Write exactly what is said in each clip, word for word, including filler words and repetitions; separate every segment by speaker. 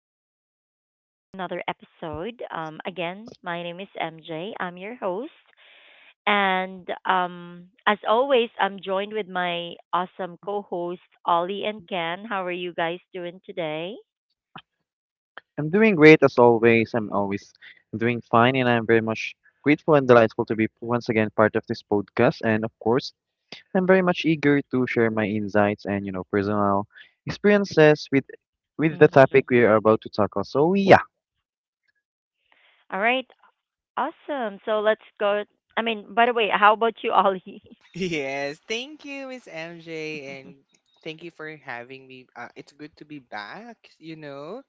Speaker 1: welcome back to another episode. Um, again, my name is M J. I'm your host. And um, As always, I'm joined with my awesome co host Ollie and Ken. How are you guys doing today?
Speaker 2: I'm doing great as always. I'm always doing fine, and I'm very much grateful and delightful to be once again part of this podcast. And of course, I'm very much eager to share my insights and you know personal experiences with with the topic
Speaker 1: Mm-hmm.
Speaker 2: we are about to tackle. So yeah.
Speaker 1: All right, awesome. So let's go. I mean, by the way, how about you, Ollie?
Speaker 3: Yes, thank you, Miss M J, and thank you for having me. Uh, it's good to be back, you know.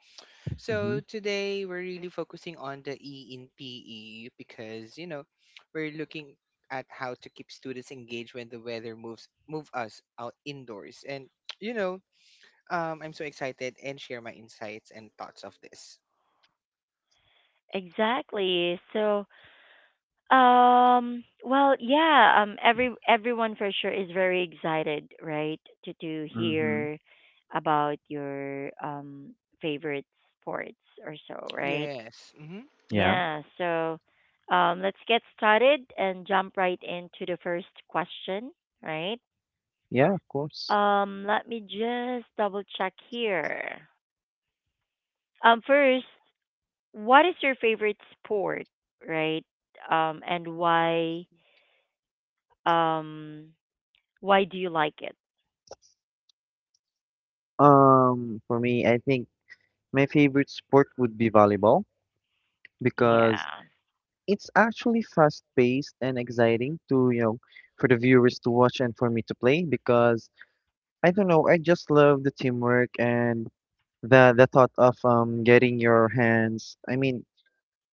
Speaker 2: Mm-hmm.
Speaker 3: So today we're really focusing on the E in P E because you know we're looking at how to keep students engaged when the weather moves move us out indoors, and you know um, I'm so excited and share my insights and thoughts of this.
Speaker 1: Exactly. So, Um, well, yeah, um every everyone for sure is very excited, right? To to
Speaker 2: Mm-hmm.
Speaker 1: hear about your um favorite sports or so, right?
Speaker 3: Yes. hmm
Speaker 2: Yeah.
Speaker 1: Yeah, so um let's get started and jump right into the first question, right?
Speaker 2: Yeah, of course.
Speaker 1: Um, let me just double check here. Um, first, what is your favorite sport, right? Um and why um Why do you like it?
Speaker 2: Um, for me, I think my favorite sport would be volleyball because
Speaker 1: Yeah.
Speaker 2: it's actually fast-paced and exciting to, you know, for the viewers to watch and for me to play because I don't know, I just love the teamwork and the the thought of um getting your hands i mean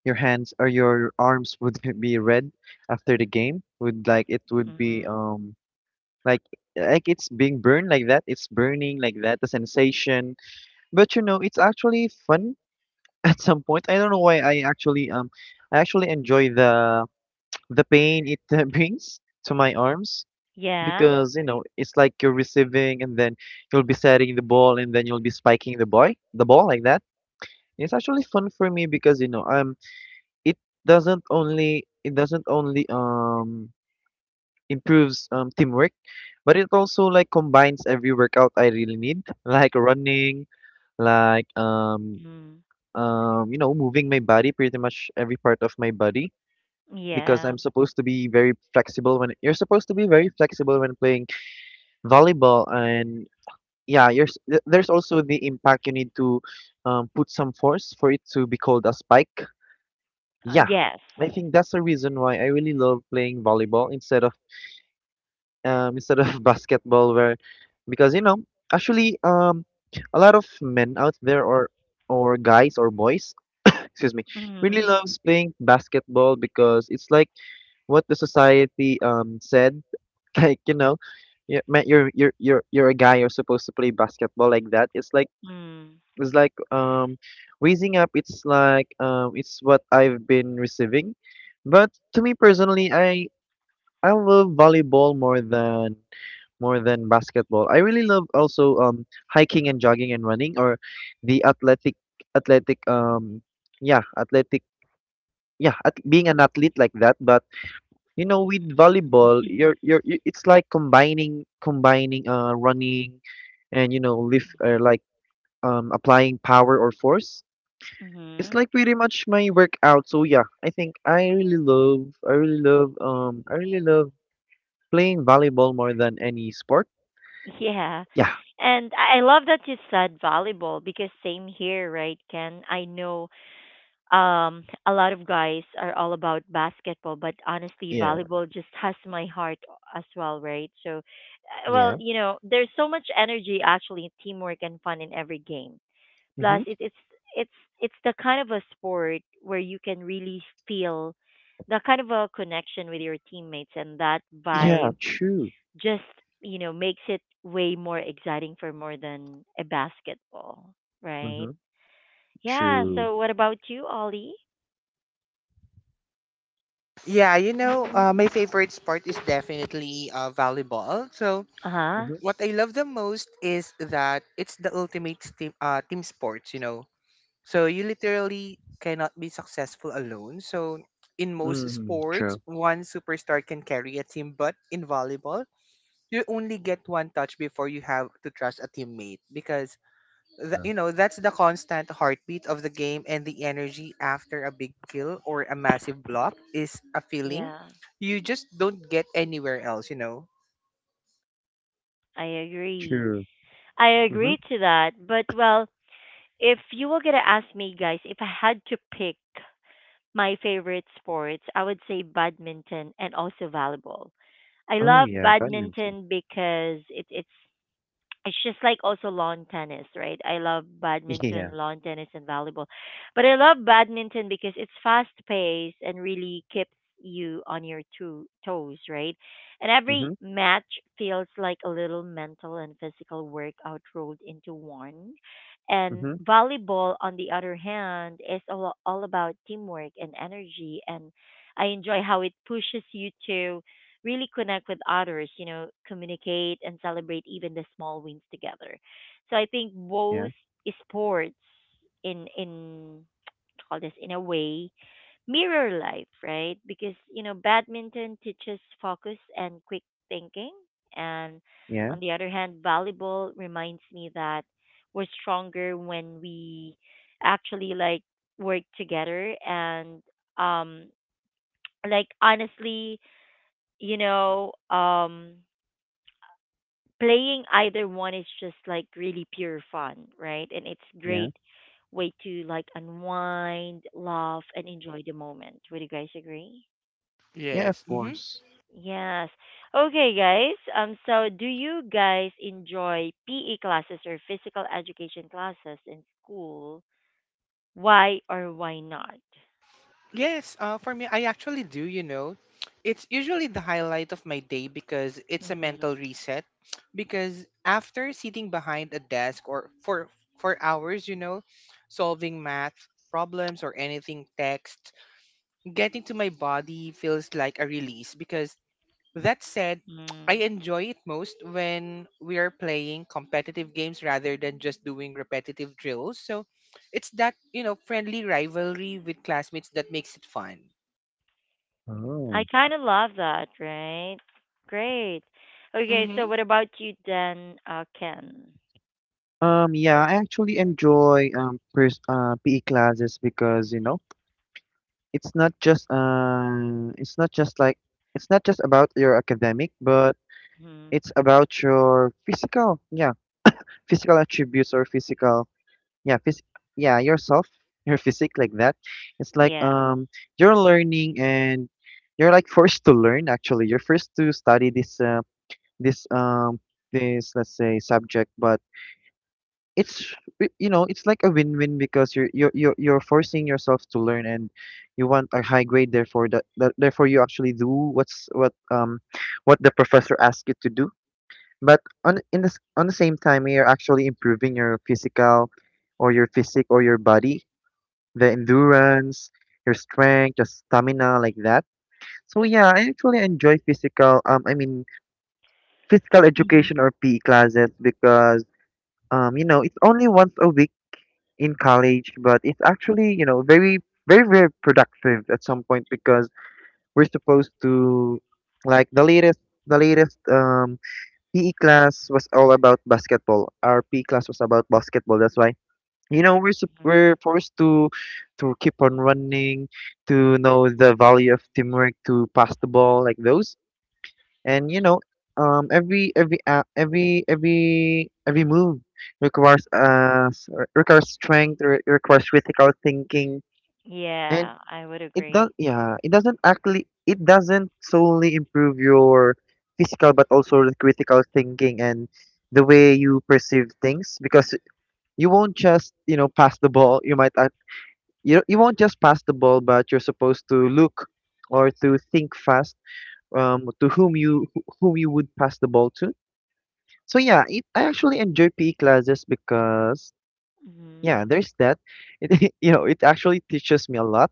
Speaker 2: your hands or your arms would be red after the game would like it would be
Speaker 1: Hmm.
Speaker 2: um like like it's being burned like that, it's burning like that, the sensation. But you know it's actually fun at some point. I don't know why. I actually um i actually enjoy the the pain it uh, brings to my arms
Speaker 1: Yeah.
Speaker 2: because you know it's like you're receiving, and then you'll be setting the ball, and then you'll be spiking the boy the ball like that. It's actually fun for me because you know um it doesn't only it doesn't only um improves um teamwork, but it also like combines every workout I really need, like running, like um
Speaker 1: Mm.
Speaker 2: um you know moving my body, pretty much every part of my body, because
Speaker 1: Yeah.
Speaker 2: I'm supposed to be very flexible when you're supposed to be very flexible when playing volleyball. And yeah, you're, s- th- there's also the impact. You need to um, put some force for it to be called a spike.
Speaker 1: Uh,
Speaker 2: Yeah,
Speaker 1: yes.
Speaker 2: I think that's the reason why I really love playing volleyball instead of um instead of basketball, where because you know actually um a lot of men out there or or guys or boys excuse me really
Speaker 1: Mm-hmm.
Speaker 2: loves playing basketball because it's like what the society um said, like you know you're you're you're you're you're a guy, you're supposed to play basketball like that. It's like
Speaker 1: Mm.
Speaker 2: it's like um raising up, it's like um it's what I've been receiving. But to me personally, I I love volleyball more than more than basketball. I really love also um hiking and jogging and running, or the athletic athletic um yeah, athletic yeah, at, being an athlete like that. But you know with volleyball you're you're you- it's like combining combining uh running and you know lift uh,
Speaker 1: Hmm.
Speaker 2: like um applying power or force. It's
Speaker 1: Hmm.
Speaker 2: like pretty much my workout. So yeah, I think I really love I really love um I really love playing volleyball more than any sport.
Speaker 1: Yeah.
Speaker 2: Yeah,
Speaker 1: And I I love that you said volleyball because same here, right, Ken? I know um a lot of guys are all about basketball, but honestly,
Speaker 2: yeah,
Speaker 1: volleyball just has my heart as well, right? So, uh, well,
Speaker 2: yeah.
Speaker 1: you know, there's so much energy, actually, teamwork and fun in every game. Plus,
Speaker 2: hmm
Speaker 1: it, it's it's it's the kind of a sport where you can really feel the kind of a connection with your teammates, and that vibe
Speaker 2: Yeah, true.
Speaker 1: just, you know, makes it way more exciting for more than a basketball, right?
Speaker 2: hmm
Speaker 1: Yeah.
Speaker 2: True.
Speaker 1: So, what about you, Ollie?
Speaker 3: Yeah, you know, uh, my favorite sport is definitely uh, volleyball. So
Speaker 1: Uh huh.
Speaker 2: hmm
Speaker 3: what I love the most is that it's the ultimate team uh, team sports, you know. So you literally cannot be successful alone. So in most
Speaker 1: Mhm.
Speaker 2: hmm
Speaker 3: sports,
Speaker 2: True.
Speaker 3: one superstar can carry a team, but in volleyball, you only get one touch before you have to trust a teammate because the,
Speaker 2: True.
Speaker 3: you know, that's the constant heartbeat of the game, and the energy after a big kill or a massive block is a feeling
Speaker 1: Yeah,
Speaker 3: you just don't get anywhere else, you know.
Speaker 1: I agree.
Speaker 2: True.
Speaker 1: I
Speaker 2: hmm
Speaker 1: agree to that. But well, if you were gonna ask me, guys, if I had to pick my favorite sports, I would say badminton and also volleyball. I
Speaker 2: Oh
Speaker 1: love
Speaker 2: yeah, badminton.
Speaker 1: badminton because it, it's it's just like also lawn tennis, right? I love badminton,
Speaker 2: Yeah.
Speaker 1: lawn tennis, and volleyball. But I love badminton because it's fast paced and really keeps you on your two toes, right? And every
Speaker 2: hmm
Speaker 1: match feels like a little mental and physical workout rolled into one. And
Speaker 2: hmm
Speaker 1: volleyball, on the other hand, is all, all about teamwork and energy. And I enjoy how it pushes you to really connect with others, you know, communicate and celebrate even the small wins together. So I think
Speaker 2: Yeah.
Speaker 1: both sports in in call this in a way mirror life, right? Because you know, badminton teaches focus and quick thinking, and
Speaker 2: Yeah.
Speaker 1: on the other hand, volleyball reminds me that we're stronger when we actually like work together and um like honestly you know, um, playing either one is just like really pure fun, right? And it's
Speaker 2: Yeah.
Speaker 1: great way to like unwind, laugh, and enjoy the moment. Would you guys agree?
Speaker 2: Yeah, of
Speaker 3: Yes.
Speaker 2: course.
Speaker 1: Yes. Okay, guys. Um, so do you guys enjoy P E classes or physical education classes in school? Why or why not?
Speaker 3: Yes, uh, for me, I actually do, you know. It's usually the highlight of my day because it's a
Speaker 1: Mm-hmm.
Speaker 3: mental reset. Because after sitting behind a desk or for for hours, you know, solving math problems or anything text, getting to my body feels like a release. Because that said, I
Speaker 1: Mm-hmm.
Speaker 3: enjoy it most when we are playing competitive games rather than just doing repetitive drills. So it's that, you know, friendly rivalry with classmates that makes it fun.
Speaker 1: I
Speaker 2: Oh.
Speaker 1: kind of love that, right? Great. Okay,
Speaker 3: Mm-hmm.
Speaker 1: so what about you then, uh, Ken?
Speaker 2: Um, yeah, I actually enjoy um pers uh P E classes because, you know, it's not just uh it's not just like it's not just about your academic, but
Speaker 1: Hmm.
Speaker 2: it's about your physical, yeah, physical attributes or physical yeah phys- yeah yourself, your physique like that. It's like
Speaker 1: Yeah.
Speaker 2: um you're learning and you're like forced to learn. Actually, you're forced to study this uh, this um this, let's say, subject. But it's y- you know it's like a win-win because you're you're you're, you're forcing yourself to learn, and you want a high grade, therefore that, that therefore you actually do what's what um what the professor asks you to do. But on in this on the same time you're actually improving your physical, or your physique, or your body, the endurance, your strength, your stamina, like that. So yeah, I actually enjoy physical. Um, I mean physical
Speaker 1: Hmm.
Speaker 2: education, or P E classes, because um, you know, it's only once a week in college, but it's actually you know very very very productive at some point because we're supposed to like the latest the latest um P E class was all about basketball. Our P E class was about basketball. That's why you know we're sup-
Speaker 1: Hmm.
Speaker 2: we're forced to to keep on running, to know the value of teamwork, to pass the ball like those. And you know um every every a every every every move requires uh s- re- requires strength, re- requires critical thinking. And
Speaker 1: Yeah, I would
Speaker 2: it does,
Speaker 1: agree.
Speaker 2: yeah, it doesn't actually, it doesn't solely improve your physical, but also the critical thinking and the way you perceive things. Because you won't just you know pass the ball, you might uh, you you won't just pass the ball, but you're supposed to look or to think fast, um, to whom you whom you would pass the ball to. So yeah, it, I actually enjoy P E classes because
Speaker 1: Hmm.
Speaker 2: yeah, there's that. It, you know, it actually teaches me a lot,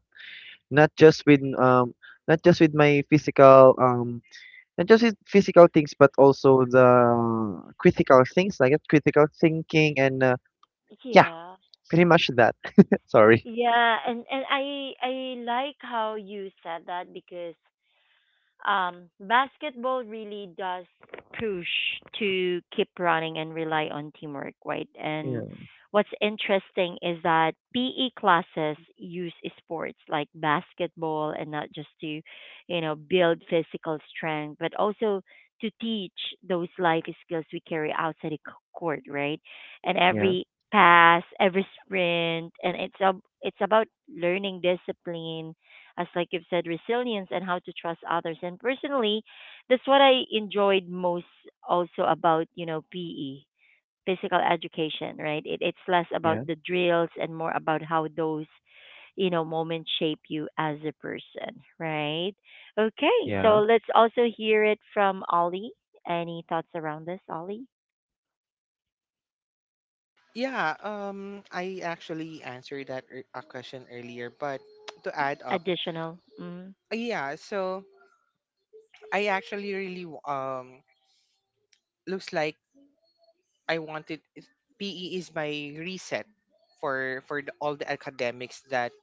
Speaker 2: not just with um not just with my physical um not just with physical things, but also the critical things like uh, critical thinking and uh, yeah,
Speaker 1: Yeah.
Speaker 2: pretty much that. Sorry.
Speaker 1: Yeah, and and I I like how you said that because um, basketball really does push to keep running and rely on teamwork, right? And
Speaker 2: Yeah.
Speaker 1: what's interesting is that P E classes use sports like basketball and not just to, you know, build physical strength, but also to teach those life skills we carry outside the c- court, right? And
Speaker 2: Yeah.
Speaker 1: every pass, every sprint, and it's a, it's about learning discipline as like you've said, resilience and how to trust others. And personally, that's what I enjoyed most also about, you know, P E, physical education, right? It, it's less about
Speaker 2: Yeah.
Speaker 1: the drills and more about how those, you know, moments shape you as a person, right? Okay,
Speaker 2: Yeah.
Speaker 1: so let's also hear it from Ollie. Any thoughts around this, Ollie?
Speaker 3: Yeah, um, I actually answered that ear- a question earlier, but to add up,
Speaker 1: Additional. Mm,
Speaker 3: uh, yeah, so I actually really w- um looks like I wanted is- P E is my reset for for the, all the academics that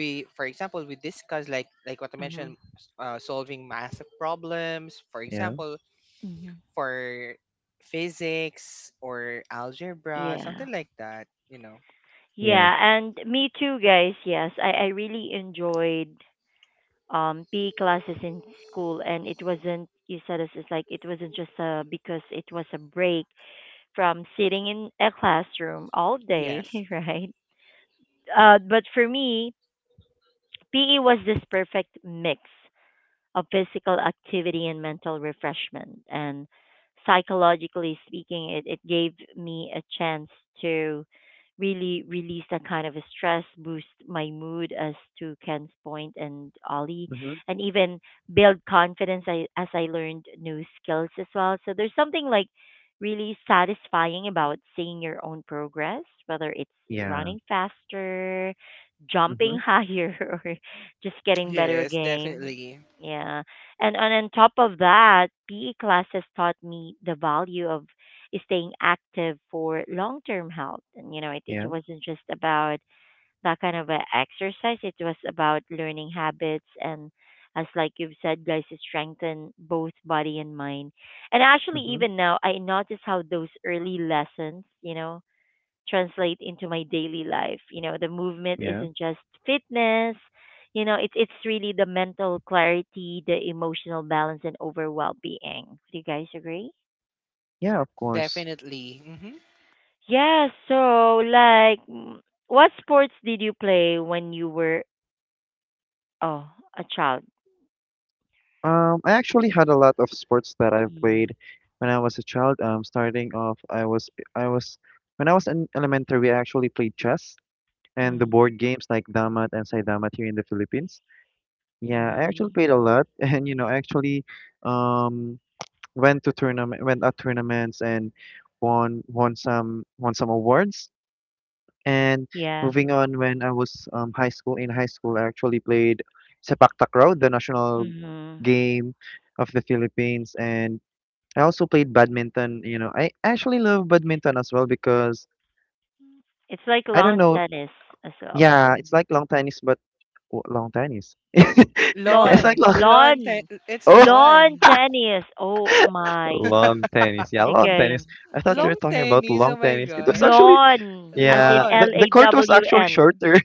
Speaker 3: we, for example, we discussed like like what I mentioned,
Speaker 1: mm-hmm,
Speaker 3: s- uh, solving math problems, for
Speaker 2: Yeah.
Speaker 3: example,
Speaker 1: mm-hmm.
Speaker 3: for physics or algebra,
Speaker 1: Yeah.
Speaker 3: something like that, you know.
Speaker 2: Yeah.
Speaker 1: Yeah, and me too, guys. Yes, I, I really enjoyed um P E classes in school and it wasn't you said it's it's like it wasn't just uh because it was a break from sitting in a classroom all day,
Speaker 3: Yes.
Speaker 1: right? Uh, but for me, P E was this perfect mix of physical activity and mental refreshment. And psychologically speaking, it, it gave me a chance to really release that kind of a stress, boost my mood as to Ken's point and Ollie,
Speaker 2: Mm-hmm.
Speaker 1: and even build confidence I, as I learned new skills as well. So there's something like really satisfying about seeing your own progress, whether it's
Speaker 2: Yeah.
Speaker 1: running faster,
Speaker 2: Mm-hmm.
Speaker 1: jumping higher, or just getting better
Speaker 3: Yes,
Speaker 1: game.
Speaker 3: definitely.
Speaker 1: Yeah. And on, on top of that, P E classes taught me the value of staying active for long term health. And, you know, it, it
Speaker 2: Yeah.
Speaker 1: wasn't just about that kind of a exercise, it was about learning habits and, as like you've said, guys, to strengthen both body and mind. And actually,
Speaker 2: Mm-hmm.
Speaker 1: even now, I notice how those early lessons, you know, translate into my daily life. You know, the movement
Speaker 2: Yeah.
Speaker 1: isn't just fitness. You know, it's it's really the mental clarity, the emotional balance, and overall being. Do you guys agree?
Speaker 2: Yeah, of course.
Speaker 3: Definitely. Hmm
Speaker 1: Yeah. So, like, mm, what sports did you play when you were oh a child?
Speaker 2: Um, I actually had a lot of sports that I've
Speaker 1: Mm,
Speaker 2: played when I was a child. Um, starting off, I was I was when I was in elementary, I actually played chess and the
Speaker 1: mm,
Speaker 2: board games like damat and saidamat here in the Philippines. Yeah, I actually
Speaker 1: mm-hmm.
Speaker 2: played a lot, and you know, I actually um went to tournament, went at tournaments, and won won some won some awards. And
Speaker 1: Yeah.
Speaker 2: moving on, when I was um high school in high school, I actually played sepak takraw, the national
Speaker 1: Mm-hmm.
Speaker 2: game of the Philippines, and I also played badminton. You know, I actually love badminton as well because
Speaker 1: It's like
Speaker 2: I don't
Speaker 1: lawn
Speaker 2: know.
Speaker 1: tennis as well.
Speaker 2: Yeah, it's
Speaker 1: Mm.
Speaker 2: like long tennis, but w- long tennis. Yeah, it's
Speaker 1: Lawn,
Speaker 2: like
Speaker 3: Lawn.
Speaker 2: long.
Speaker 3: Lawn. Te-
Speaker 1: lawn,
Speaker 3: it's
Speaker 2: Oh,
Speaker 1: Lawn
Speaker 3: lawn.
Speaker 1: tennis. Oh my.
Speaker 2: long tennis. Yeah, long
Speaker 1: Okay.
Speaker 2: tennis. I thought you were
Speaker 1: Okay.
Speaker 3: Long
Speaker 2: talking about
Speaker 3: tennis.
Speaker 2: long
Speaker 3: Oh my
Speaker 2: tennis. It was
Speaker 3: God.
Speaker 2: actually
Speaker 1: Lawn, as in
Speaker 2: yeah. The
Speaker 1: L
Speaker 3: Lawn.
Speaker 2: the
Speaker 1: A
Speaker 2: court was
Speaker 1: W
Speaker 2: actually
Speaker 1: N.
Speaker 2: shorter.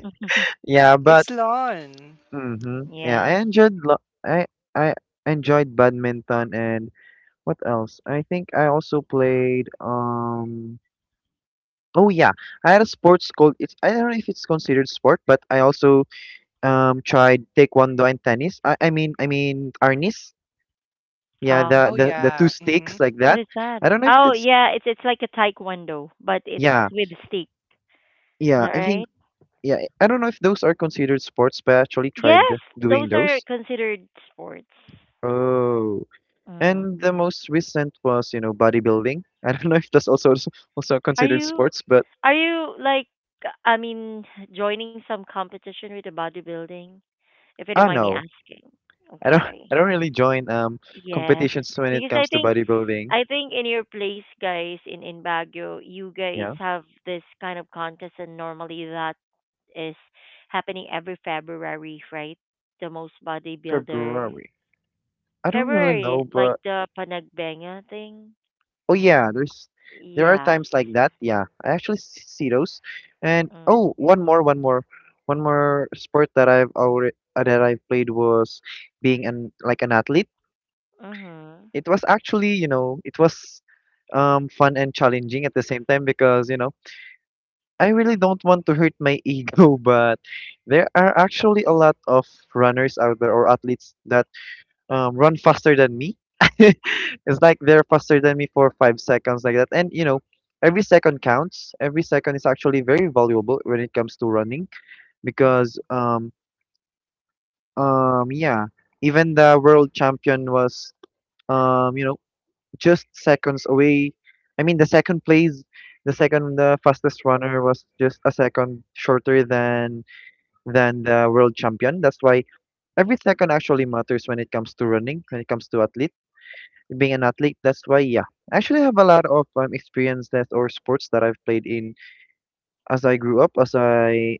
Speaker 2: Yeah, but
Speaker 3: It's lawn.
Speaker 2: mhm. Yeah,
Speaker 1: Yeah.
Speaker 2: I enjoyed lo- I I enjoyed badminton and what else? I think I also played um oh yeah, I had a sports called, it's I don't know if it's considered sport, but I also um tried taekwondo and tennis. I, I mean I mean arnis. Yeah,
Speaker 1: Oh,
Speaker 2: the,
Speaker 3: Oh
Speaker 2: the the two
Speaker 3: yeah. hmm
Speaker 2: sticks like
Speaker 1: what
Speaker 2: that.
Speaker 1: is that?
Speaker 2: I don't know if
Speaker 1: Oh,
Speaker 2: that's
Speaker 1: yeah. It's it's like a taekwondo, but it's
Speaker 2: yeah.
Speaker 1: with stick. Is
Speaker 2: Yeah,
Speaker 1: that
Speaker 2: I think
Speaker 1: right?
Speaker 2: yeah, I don't know if those are considered sports, but I actually tried
Speaker 1: Yes,
Speaker 2: doing
Speaker 1: those are
Speaker 2: those.
Speaker 1: considered sports.
Speaker 2: Oh.
Speaker 1: Mm.
Speaker 2: And the most recent was, you know, bodybuilding. I don't know if that's also also
Speaker 1: Are
Speaker 2: considered
Speaker 1: you
Speaker 2: sports, but
Speaker 1: are you like I mean Joining some competition with the bodybuilding? If you
Speaker 2: I
Speaker 1: don't
Speaker 2: don't
Speaker 1: mind me
Speaker 2: know.
Speaker 1: asking.
Speaker 2: I don't
Speaker 1: Okay.
Speaker 2: I don't really join um
Speaker 1: Yeah,
Speaker 2: competitions when it
Speaker 1: because I
Speaker 2: comes to
Speaker 1: think
Speaker 2: bodybuilding.
Speaker 1: I think in your place, guys, in in Baguio, you guys
Speaker 2: Yeah.
Speaker 1: have this kind of contest, and normally that is happening every February, right? The most bodybuilder
Speaker 2: February. I don't really
Speaker 1: February,
Speaker 2: know,
Speaker 1: like
Speaker 2: but
Speaker 1: the panagbenga thing.
Speaker 2: oh yeah, there's there are
Speaker 1: Yes.
Speaker 2: times like that. Yeah. I actually s- see those. And
Speaker 1: Mm.
Speaker 2: oh, one more, one more, one more sport that I've already uh, that I've played was being an like an athlete.
Speaker 1: Mhm.
Speaker 2: It was actually, you know, it was um, fun and challenging at the same time because, you know, I really don't want to hurt my ego, but there are actually a lot of runners out there or athletes that um, run faster than me. It's like they're faster than me for five seconds, like that. And, you know, every second counts. Every second is actually very valuable when it comes to running because,
Speaker 1: Mm.
Speaker 2: um, um, yeah, even the world champion was, um, you know, just seconds away. I mean, the second place, the second uh, fastest runner was just a second shorter than than the world champion. That's why every second actually matters when it comes to running, when it comes to athlete being an athlete. That's why, yeah, I actually have a lot of um, experiences or sports that I've played in as I grew up, as I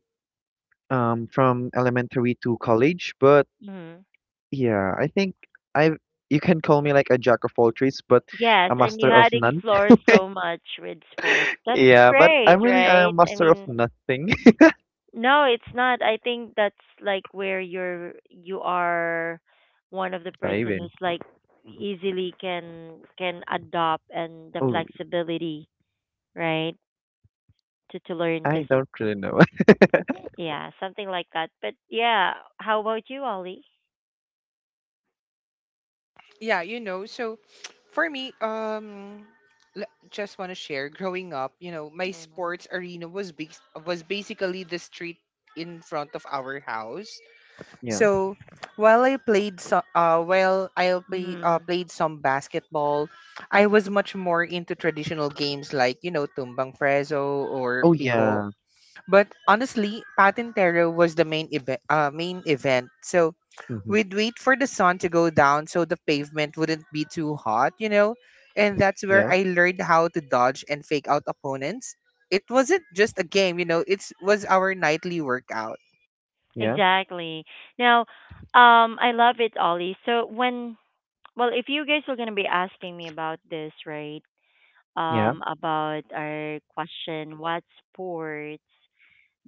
Speaker 2: um from elementary to college. But
Speaker 1: Mhm.
Speaker 2: yeah, I think I you can call me like a jack of all trades, but
Speaker 1: Yes,
Speaker 2: a
Speaker 1: and you
Speaker 2: master of
Speaker 1: had
Speaker 2: none.
Speaker 1: explored so much with sports. That's
Speaker 2: Yeah, but
Speaker 1: great,
Speaker 2: I'm really a
Speaker 1: right? I
Speaker 2: master of
Speaker 1: mean,
Speaker 2: nothing.
Speaker 1: no, it's not. I think that's like where you're you are one of the person
Speaker 2: Driving.
Speaker 1: who's like easily can can adopt and the
Speaker 2: Oh,
Speaker 1: flexibility, right? To to learn this
Speaker 2: I don't really know.
Speaker 1: yeah, something like that. But yeah, how about you, Ollie?
Speaker 3: Yeah, you know, so for me, um, l- just want to share, growing up, you know, my
Speaker 1: Mm.
Speaker 3: sports arena was big, was basically the street in front of our house.
Speaker 2: Yeah.
Speaker 3: So while I played so, uh, while I play, uh,
Speaker 1: Mm,
Speaker 3: played some basketball, I was much more into traditional games like you know tumbang preso or
Speaker 2: Oh,
Speaker 3: pico.
Speaker 2: yeah.
Speaker 3: But honestly, patintero was the main event. Uh, main event. So
Speaker 2: Mm-hmm.
Speaker 3: we'd wait for the sun to go down so the pavement wouldn't be too hot, you know. And that's where
Speaker 2: Yeah.
Speaker 3: I learned how to dodge and fake out opponents. It wasn't just a game, you know. It was our nightly workout.
Speaker 2: Yeah.
Speaker 1: exactly. Now, um, I love it, Ollie. So when, well, if you guys were gonna be asking me about this, right?
Speaker 2: Yeah.
Speaker 1: Um, about our question, what sports?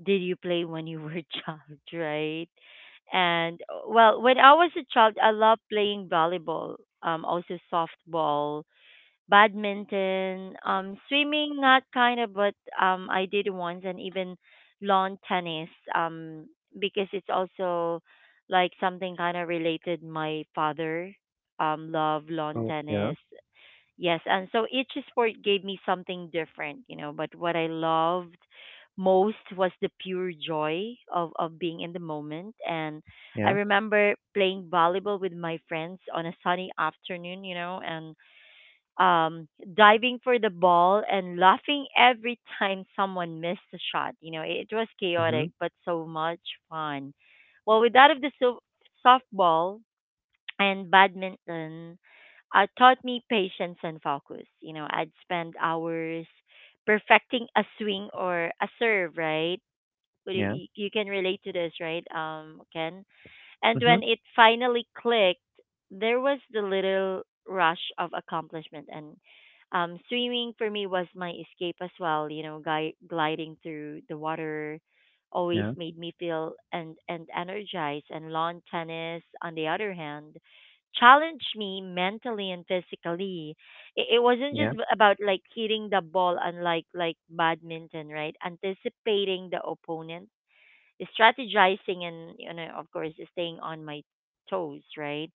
Speaker 1: Did you play when you were a child, right? And uh, well, when I was a child, I loved playing volleyball, um, also softball, badminton, um, swimming, not kind of, but um, I did once, and even lawn tennis, um, because it's also like something kind of related. My father, um, love lawn
Speaker 2: Oh, yeah.
Speaker 1: tennis. Yes, and so each sport gave me something different, you know, but what I loved most was the pure joy of of being in the moment and I
Speaker 2: Yeah.
Speaker 1: remember playing volleyball with my friends on a sunny afternoon, you know, and um diving for the ball and laughing every time someone missed a shot. You know, it was
Speaker 2: Mm-hmm.
Speaker 1: chaotic but so much fun. Well, with that of the so- softball, and badminton uh, taught me patience and focus. You know, I'd spend hours perfecting a swing or a serve, right? But y-
Speaker 2: Yeah.
Speaker 1: y- You can relate to this, right, um, Ken? And
Speaker 2: Mm-hmm.
Speaker 1: when it finally clicked, there was the little rush of accomplishment. And um, swimming for me was my escape as well. You know, gui- gliding through the water always
Speaker 2: Yeah.
Speaker 1: made me feel and and energized. And lawn tennis, on the other hand, challenged me mentally and physically. It, it wasn't just
Speaker 2: Yeah.
Speaker 1: about like hitting the ball, unlike like badminton, right? Anticipating the opponent strategizing and you know of course staying on my toes, right?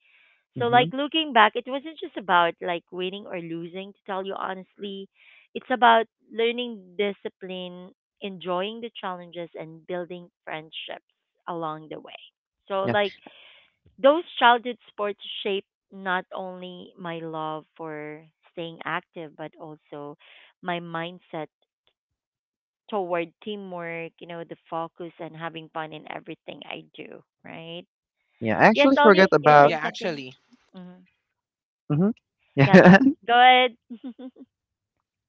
Speaker 1: So like
Speaker 2: Mm-hmm.
Speaker 1: looking back it wasn't just about like winning or losing to tell you honestly it's about learning discipline, enjoying the challenges and building friendships along the way. So
Speaker 2: Yeah.
Speaker 1: like those childhood sports shaped not only my love for staying active but also my mindset toward teamwork, you know, the focus and having fun in everything I do, right?
Speaker 2: Yeah. I
Speaker 1: Yes,
Speaker 2: actually forgot
Speaker 1: Ollie, you're
Speaker 2: about.
Speaker 3: Yeah,
Speaker 1: saying something?
Speaker 3: actually.
Speaker 1: Hmm.
Speaker 2: Mm-hmm.
Speaker 1: Yeah,
Speaker 2: Yeah.
Speaker 1: go go ahead.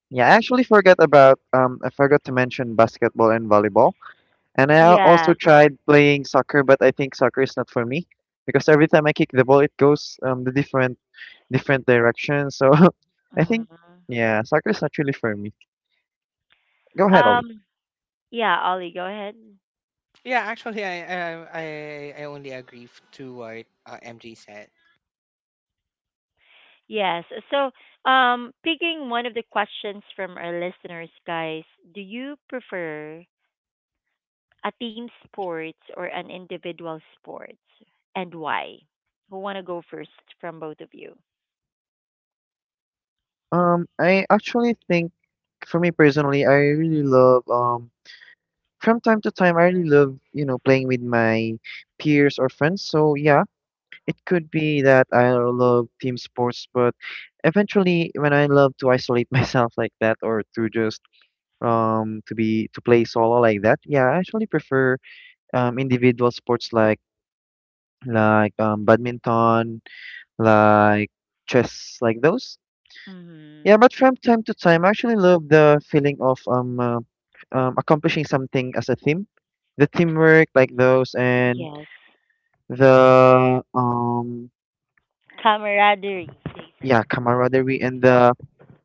Speaker 2: Yeah. I actually forgot about. Um, I forgot to mention basketball and volleyball. And I al-
Speaker 1: Yeah.
Speaker 2: also tried playing soccer, but I think soccer is not for me because every time I kick the ball, it goes um the different different directions. So I think
Speaker 1: Hmm.
Speaker 2: yeah, soccer is actually for me. Go ahead, Ollie.
Speaker 1: Um, yeah, Ollie, go ahead.
Speaker 3: Yeah, actually, I I I I only agree f- to what uh, M J said.
Speaker 1: Yes. So, um, picking one of the questions from our listeners, guys, do you prefer a team sports or an individual sports, and why? Who want to go first from both of you?
Speaker 2: Um, I actually think for me personally, I really love um from time to time I really love, you know, playing with my peers or friends. So yeah, it could be that I love team sports, but eventually when I love to isolate myself like that or to just um to be to play solo like that, yeah, I actually prefer um individual sports like like um badminton, like chess, like those. Yeah,
Speaker 1: Hmm.
Speaker 2: but from time to time, I actually love the feeling of um, uh, um accomplishing something as a team, the teamwork like those, and
Speaker 1: Yes.
Speaker 2: the um
Speaker 1: Camaraderie, they said.
Speaker 2: yeah, camaraderie, and the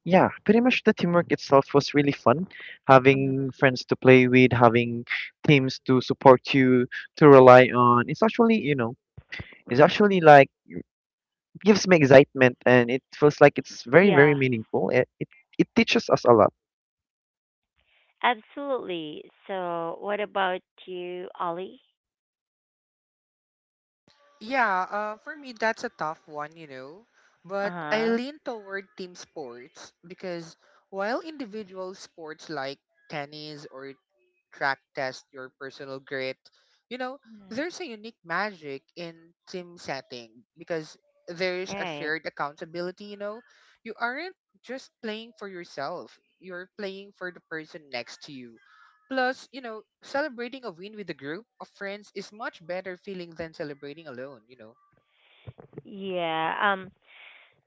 Speaker 2: yeah, pretty much the teamwork itself was really fun.
Speaker 1: Hmm.
Speaker 2: Having friends to play with, having teams to support you, to rely on. It's actually you know it's actually like, gives me excitement and it feels like it's very
Speaker 1: Yeah.
Speaker 2: very meaningful. It it, it teaches us a lot.
Speaker 1: Absolutely. So, what about you, Ollie?
Speaker 3: Yeah, uh, for me, that's a tough one, you know. But I
Speaker 1: Uh-huh.
Speaker 3: lean toward team sports because while individual sports like tennis or track test your personal grit, you know, there's a unique magic in team setting because there's
Speaker 1: Yeah.
Speaker 3: a
Speaker 1: Right.
Speaker 3: shared accountability, you know. You aren't just playing for yourself, you're playing for the person next to you. Plus, you know, celebrating a win with a group of friends is much better feeling than celebrating alone, you know.
Speaker 1: Yeah. Um,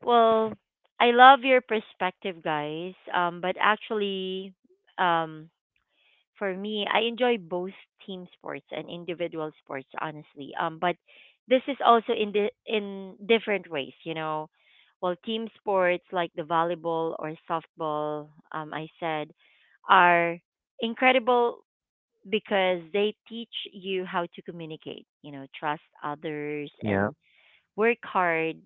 Speaker 1: well, I love your perspective, guys. Um, but actually, um, for me, I enjoy both team sports and individual sports, honestly. Um, but this is also in the in different ways, you know. Well, team sports like the volleyball or softball, um, I said, are incredible because they teach you how to communicate, you know, trust others
Speaker 2: Yeah.
Speaker 1: and work hard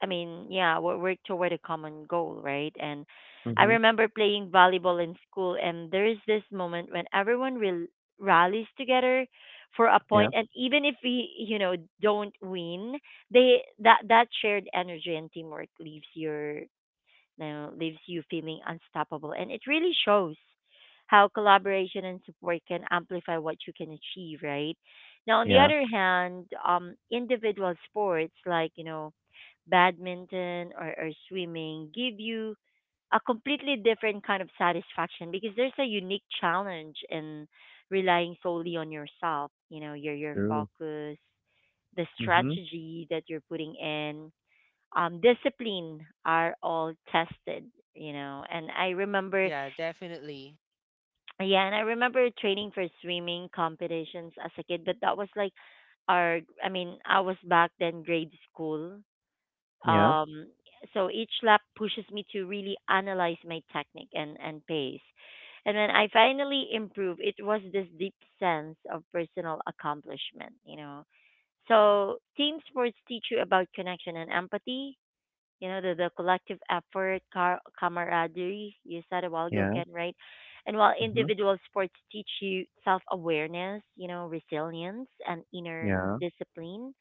Speaker 1: I mean, yeah, we work toward a common goal, right? And I
Speaker 2: Mhm.
Speaker 1: remember playing volleyball in school, and there's this moment when everyone rel- rallies together for a
Speaker 2: Yeah.
Speaker 1: point, and even if we, you know, don't win, they that that shared energy and teamwork leaves your, you know, leaves you feeling unstoppable, and it really shows how collaboration and support can amplify what you can achieve, right? Now, on the
Speaker 2: Yeah.
Speaker 1: other hand, um, individual sports like you know badminton or, or swimming give you a completely different kind of satisfaction because there's a unique challenge in relying solely on yourself. You know, your your
Speaker 2: True.
Speaker 1: focus, the
Speaker 2: Mhm.
Speaker 1: strategy that you're putting in, um discipline are all tested. You know and I remember
Speaker 3: Yeah, definitely.
Speaker 1: yeah and I remember training for swimming competitions as a kid, but that was like our I mean I was back then grade school.
Speaker 2: Yeah.
Speaker 1: um, so each lap pushes me to really analyze my technique and, and pace. And when I finally improved, it was this deep sense of personal accomplishment, you know. So team sports teach you about connection and empathy. You know, the, the collective effort, car- camaraderie, you said a while ago,
Speaker 2: Yeah.
Speaker 1: Ken, right? And while
Speaker 2: Mhm.
Speaker 1: individual sports teach you self awareness, you know, resilience and inner
Speaker 2: Yeah.
Speaker 1: discipline,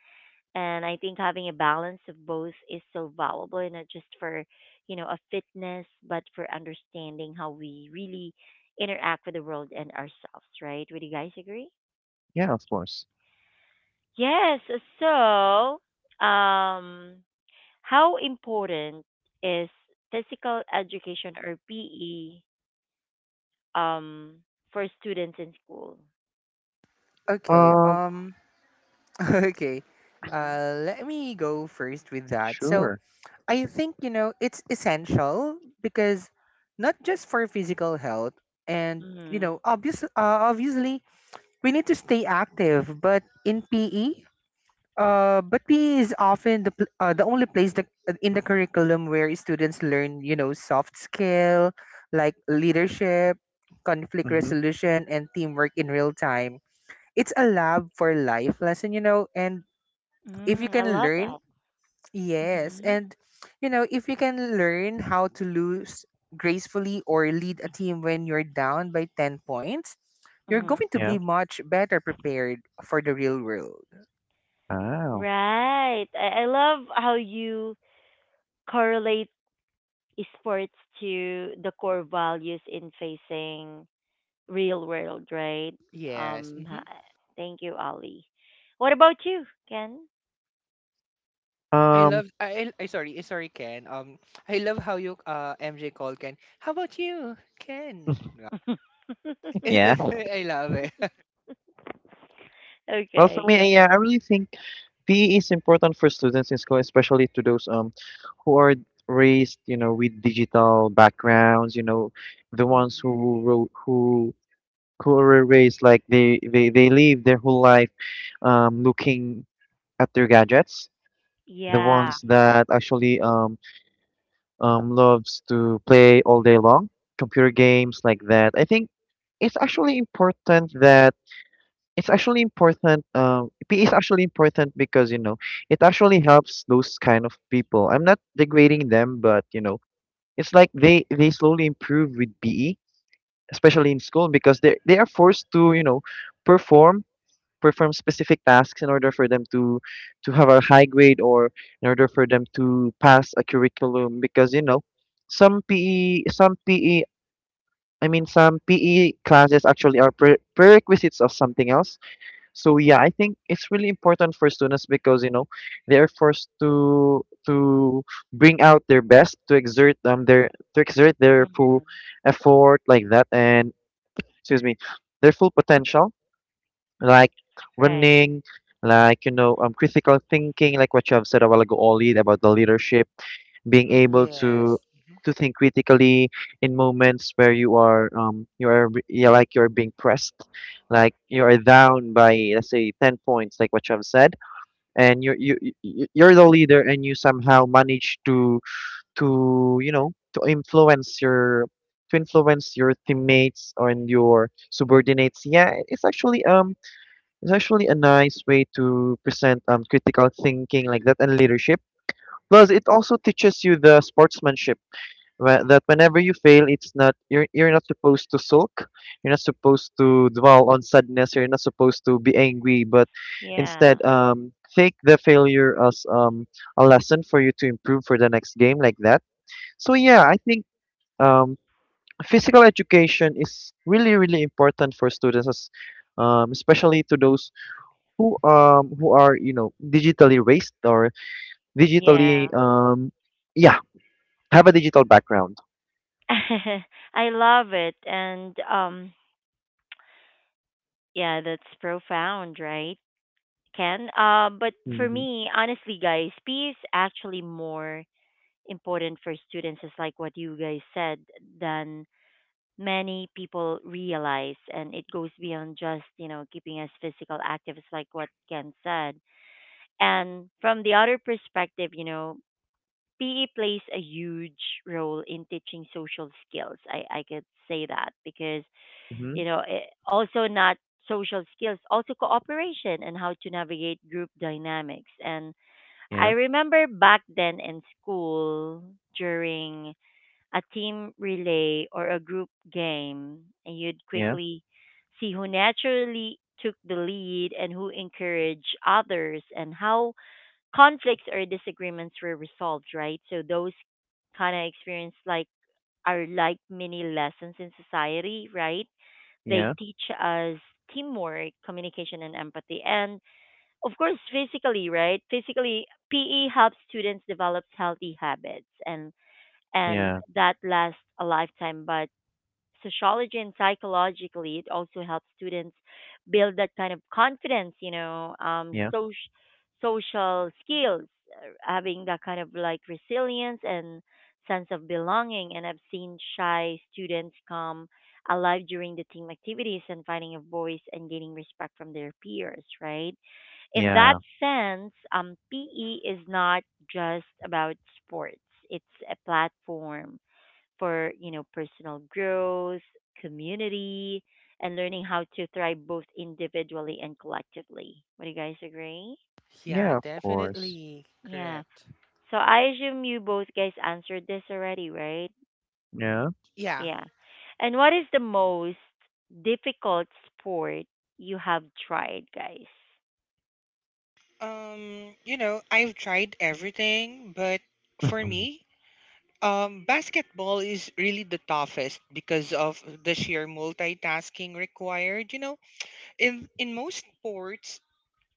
Speaker 1: and I think having a balance of both is so valuable, and not just for you know a fitness, but for understanding how we really interact with the world and ourselves, right? Would you guys agree?
Speaker 2: Yeah, of course.
Speaker 1: Yes. So, um how important is physical education or PE, um for students in school?
Speaker 3: Okay,
Speaker 2: Um,
Speaker 3: um okay.
Speaker 1: Mm-hmm.
Speaker 3: Uh let me go first with that. So,
Speaker 2: sure.
Speaker 3: I think, you know, it's essential because not just for physical health and, you
Speaker 1: Mm-hmm.
Speaker 3: know, obvious uh, obviously we need to stay active, but in P E Uh, but P E is often the pl- uh, the only place that, in the curriculum where students learn, you know, soft skill like leadership, conflict
Speaker 2: Mhm.
Speaker 3: resolution, and teamwork in real time. It's a lab for life lesson, you know, and if you
Speaker 1: Mm, I
Speaker 3: can
Speaker 1: love
Speaker 3: learn,
Speaker 1: that.
Speaker 3: yes,
Speaker 1: Mm-hmm.
Speaker 3: and you know, if you can learn how to lose gracefully or lead a team when you're down by ten points, you're
Speaker 1: Mm-hmm.
Speaker 3: going to
Speaker 2: Yeah.
Speaker 3: be much better prepared for the real world.
Speaker 2: Wow.
Speaker 1: Right. I, I love how you correlate sports to the core values in facing real world, right?
Speaker 3: Yes.
Speaker 1: Um, ha- Thank you, Ali. What about you, Ken?
Speaker 3: I
Speaker 2: Um,
Speaker 3: love I, I sorry, eh, sorry Ken. Um, I love how you uh M J called Ken. How about you, Ken?
Speaker 2: yeah.
Speaker 3: I love it.
Speaker 2: Well, for
Speaker 1: Okay.
Speaker 2: me, yeah, I really think P E is important for students in school, especially to those um who are raised, you know, with digital backgrounds, you know, the ones
Speaker 1: Hmm.
Speaker 2: who wrote who who were raised like they, they, they live their whole life um, looking at their gadgets, the
Speaker 1: Yeah.
Speaker 2: ones that actually um, um, loves to play all day long, computer games like that. I think it's actually important that it's actually important. Um, P E is actually important because you know it actually helps those kind of people. I'm not degrading them, but you know it's like they they slowly improve with P E, especially in school, because they they are forced to you know perform perform specific tasks in order for them to to have a high grade or in order for them to pass a curriculum. Because you know some P E some P E I mean some P E classes actually are pre- prerequisites of something else, so yeah, I think it's really important for students because you know they're forced to to bring out their best, to exert um their to exert their full
Speaker 1: Hmm.
Speaker 2: effort like that, and excuse me, their full potential, like
Speaker 1: Right.
Speaker 2: running, like you know um critical thinking, like what you have said a while ago, Oli, about the leadership, being
Speaker 1: Hmm.
Speaker 2: able to
Speaker 3: Yes. Mhm.
Speaker 2: to think critically in moments where you are um you are re- yeah, like you're being pressed, like you are down by, let's say, ten points, like what you have said, and you you you- you- you're the leader and you somehow manage to to you know to influence your to influence your teammates and your subordinates. Yeah, it's actually um it's actually a nice way to present um critical thinking like that and leadership, plus it also teaches you the sportsmanship, whe- that whenever you fail, it's not, you're you're not supposed to sulk, you're not supposed to dwell on sadness, you're not supposed to be angry, but instead,
Speaker 1: Yeah.
Speaker 2: um, take the failure as um a lesson for you to improve for the next game, like that. So yeah, I think um physical education is really really important for students, as um, especially to those who um who are, you know, digitally raised or
Speaker 1: Yeah.
Speaker 2: digitally um yeah, have a digital background.
Speaker 1: I love it. And um yeah, that's profound, right, Ken? Uh, but for
Speaker 2: Mhm,
Speaker 1: me, honestly guys, peace actually more important for students is like what you guys said, than many people realize, and it goes beyond just you know keeping us physical active. It's like what Ken said, and from the other perspective, you know, PE plays a huge role in teaching social skills. I i could say that because
Speaker 2: mhm.
Speaker 1: you know it, also not social skills, also cooperation and how to navigate group dynamics. And I
Speaker 2: Yeah,
Speaker 1: remember back then in school during a team relay, or a group game, and you'd
Speaker 2: yeah,
Speaker 1: quickly see who naturally took the lead and who encouraged others and how conflicts or disagreements were resolved, right? So those kind of experience like are like mini lessons in society, right? They
Speaker 2: yeah,
Speaker 1: teach us teamwork, communication and empathy. And of course physically, right? Physically P E helps students develop healthy habits and and
Speaker 2: yeah,
Speaker 1: that lasts a lifetime. But sociology and psychologically, it also helps students build that kind of confidence, you know, um,
Speaker 2: yeah,
Speaker 1: social social skills, uh, having that kind of like resilience and sense of belonging. And I've seen shy students come alive during the team activities and finding a voice and gaining respect from their peers, right? In that
Speaker 2: yeah,
Speaker 1: sense, um, P E is not just about sports. It's a platform for you know personal growth, community, and learning how to thrive both individually and collectively. Would you guys agree?
Speaker 3: Yeah,
Speaker 2: yeah, of course.
Speaker 3: definitely
Speaker 1: Yeah.
Speaker 3: correct.
Speaker 1: So I assume you both guys answered this already, right?
Speaker 2: Yeah,
Speaker 3: Yeah.
Speaker 1: Yeah. And what is the most difficult sport you have tried, guys?
Speaker 3: Um, you know, I've tried everything, but for me, um, basketball is really the toughest because of the sheer multitasking required. You know, in in most sports,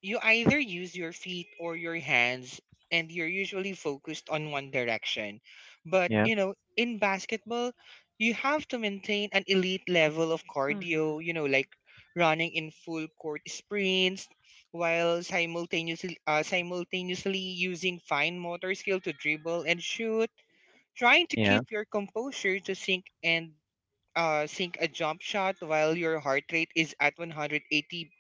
Speaker 3: you either use your feet or your hands, and you're usually focused on one direction. But,
Speaker 2: yeah,
Speaker 3: you know, in basketball, you have to maintain an elite level of
Speaker 1: Hmm.
Speaker 3: cardio, you know, like running in full court sprints while simultaneously, uh, simultaneously using fine motor skill to dribble and shoot, trying to
Speaker 2: yeah,
Speaker 3: keep your composure to sink and uh, sink a jump shot while your heart rate is at one hundred eighty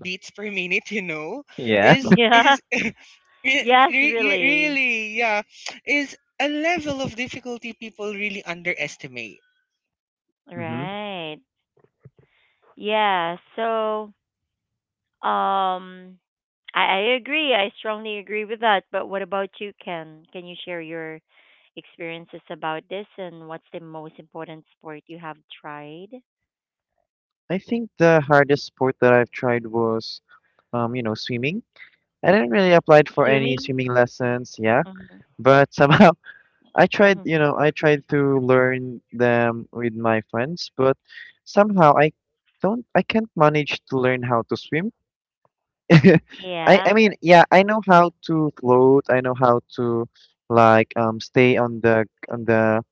Speaker 3: beats per minute, you know,
Speaker 2: yeah.
Speaker 3: is
Speaker 1: Yeah.
Speaker 3: is re-
Speaker 1: Yes,
Speaker 3: re-
Speaker 1: really.
Speaker 3: really, yeah, is a level of difficulty people really underestimate.
Speaker 2: hmm
Speaker 1: Right. Yeah. So, Um, I, I agree. I strongly agree with that. But what about you, Ken? Can you share your experiences about this, and what's the most important sport you have tried?
Speaker 2: I think the hardest sport that I've tried was, um, you know, swimming. I didn't really apply for any
Speaker 1: Swimming?
Speaker 2: swimming lessons, yeah,
Speaker 1: Mm-hmm.
Speaker 2: but somehow I tried,
Speaker 1: Hmm.
Speaker 2: you know, I tried to learn them with my friends, but somehow I don't, I can't manage to learn how to swim. I, I
Speaker 1: Yeah.
Speaker 2: mean, yeah, I know how to float. I know how to like um stay on the on the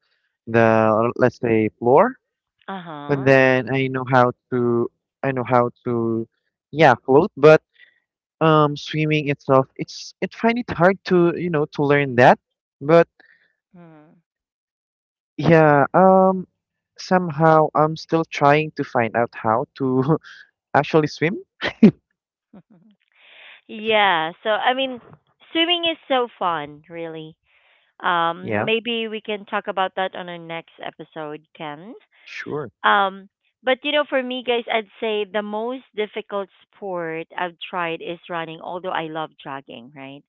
Speaker 2: the let's say, floor,
Speaker 1: Uh
Speaker 2: and
Speaker 1: huh.
Speaker 2: then I know how to I know how to yeah, float. But um, swimming itself, it's it find it hard to, you know, to learn that. But.
Speaker 1: Mm.
Speaker 2: Yeah, um, somehow I'm still trying to find out how to actually swim.
Speaker 1: Yeah. So, I mean, swimming is so fun, really. Um,
Speaker 2: Yeah,
Speaker 1: maybe we can talk about that on our next episode, Ken.
Speaker 2: sure.
Speaker 1: Um, but you know, for me, guys, I'd say the most difficult sport I've tried is running. Although I love jogging, right?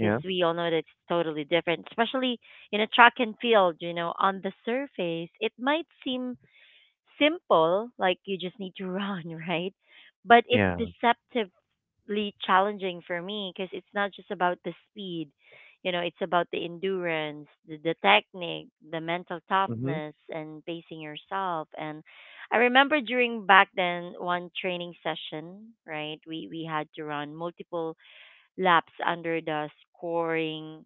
Speaker 1: Because we all know that it's totally different, especially in a track and field. You know, on the surface, it might seem simple, like you just need to run, right? But it's
Speaker 2: yeah.
Speaker 1: deceptive really challenging for me because it's not just about the speed, you know, it's about the endurance, the, the technique, the mental
Speaker 2: Mm-hmm.
Speaker 1: toughness and pacing yourself. And I remember during back then one training session, right, we we had to run multiple laps under the scoring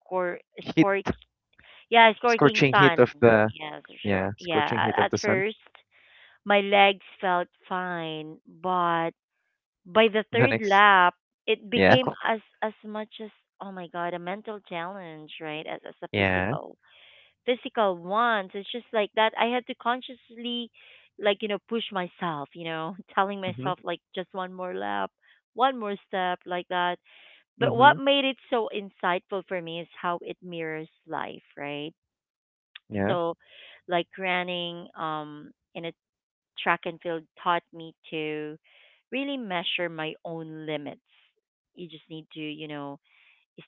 Speaker 1: score
Speaker 2: Heat,
Speaker 1: score yeah score king
Speaker 2: scorching heat
Speaker 1: sun.
Speaker 2: of the,
Speaker 1: Yes, sure,
Speaker 2: yeah,
Speaker 1: yeah.
Speaker 2: scorching heat
Speaker 1: at,
Speaker 2: of
Speaker 1: at
Speaker 2: the sun.
Speaker 1: first my legs felt fine, but by the
Speaker 2: The
Speaker 1: third
Speaker 2: next,
Speaker 1: lap, it
Speaker 2: yeah,
Speaker 1: became as as much as oh my god, a mental challenge, right? As as a
Speaker 2: yeah.
Speaker 1: physical physical ones. It's just like that. I had to consciously, like you know, push myself. You know, telling
Speaker 2: Mm-hmm.
Speaker 1: myself like just one more lap, one more step, like that. But what
Speaker 2: Mm-hmm.
Speaker 1: made it so insightful for me is how it mirrors life, right?
Speaker 2: Yeah.
Speaker 1: So, like running um in a track and field taught me to really measure my own limits. You just need to, you know,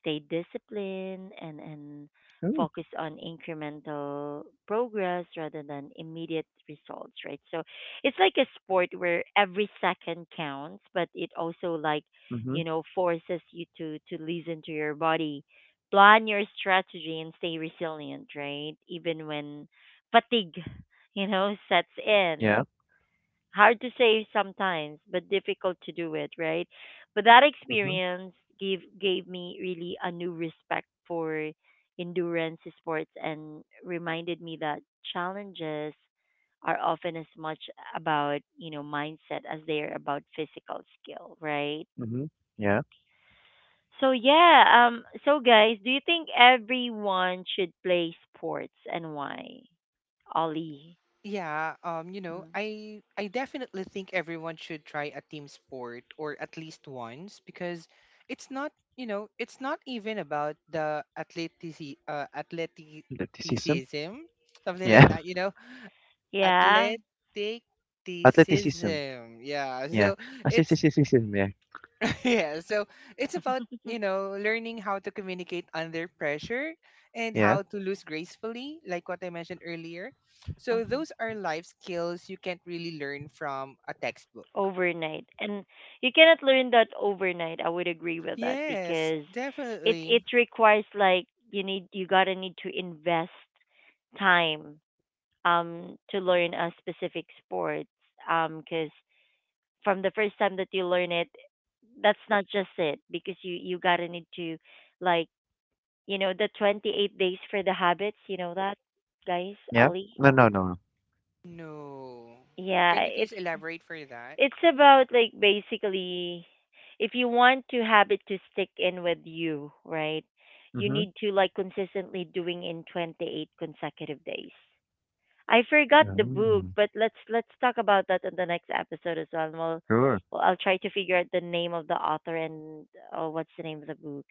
Speaker 1: stay disciplined and and
Speaker 2: Ooh.
Speaker 1: focus on incremental progress rather than immediate results, right? So it's like a sport where every second counts, but it also like,
Speaker 2: Mm-hmm.
Speaker 1: you know, forces you to to listen to your body, plan your strategy and stay resilient, right? Even when fatigue, you know, sets in,
Speaker 2: Yeah.
Speaker 1: hard to say sometimes, but difficult to do it, right? But that
Speaker 2: Mm-hmm.
Speaker 1: experience gave gave me really a new respect for endurance sports, and reminded me that challenges are often as much about, you know, mindset as they are about physical skill, right?
Speaker 2: Mm-hmm. Yeah.
Speaker 1: So yeah, um so guys, do you think everyone should play sports and why? Ollie.
Speaker 3: Yeah, um, you know,
Speaker 1: Mm.
Speaker 3: I I definitely think everyone should try a team sport or at least once because it's not, you know, it's not even about the athletici uh,
Speaker 2: Athleticism.
Speaker 3: athleticism, something
Speaker 2: Yeah.
Speaker 3: like that, you
Speaker 1: Mm.
Speaker 3: know,
Speaker 1: Yeah.
Speaker 2: Athleticism.
Speaker 3: athleticism. Yeah,
Speaker 2: Yeah.
Speaker 3: so it's
Speaker 2: Athleticism. Yeah.
Speaker 3: yeah, so it's about, you know, learning how to communicate under pressure and
Speaker 2: Yeah.
Speaker 3: how to lose gracefully, like what I mentioned earlier. So those are life skills you can't really learn from a textbook.
Speaker 1: Overnight, and you cannot learn that overnight. I would agree with that
Speaker 3: Yes,
Speaker 1: because it
Speaker 3: definitely.
Speaker 1: it requires like you need you gotta need to invest time um to learn a specific sport um because from the first time that you learn it, that's not just it, because you you gotta need to like you know the twenty-eight days for the habits, you know that, guys
Speaker 2: Yeah.
Speaker 1: Ollie?
Speaker 2: No, no, no.
Speaker 3: No. Can
Speaker 1: Yeah,
Speaker 3: you please
Speaker 1: it's
Speaker 3: elaborate for that?
Speaker 1: It's about like basically if you want to have it to stick in with you, right? You
Speaker 2: Mm-hmm.
Speaker 1: need to like consistently doing in twenty-eight consecutive days. I forgot the book,
Speaker 2: Oh,
Speaker 1: but let's let's talk about that in the next episode as well. And we'll,
Speaker 2: sure.
Speaker 1: well I'll try to figure out the name of the author and oh, what's the name of the book.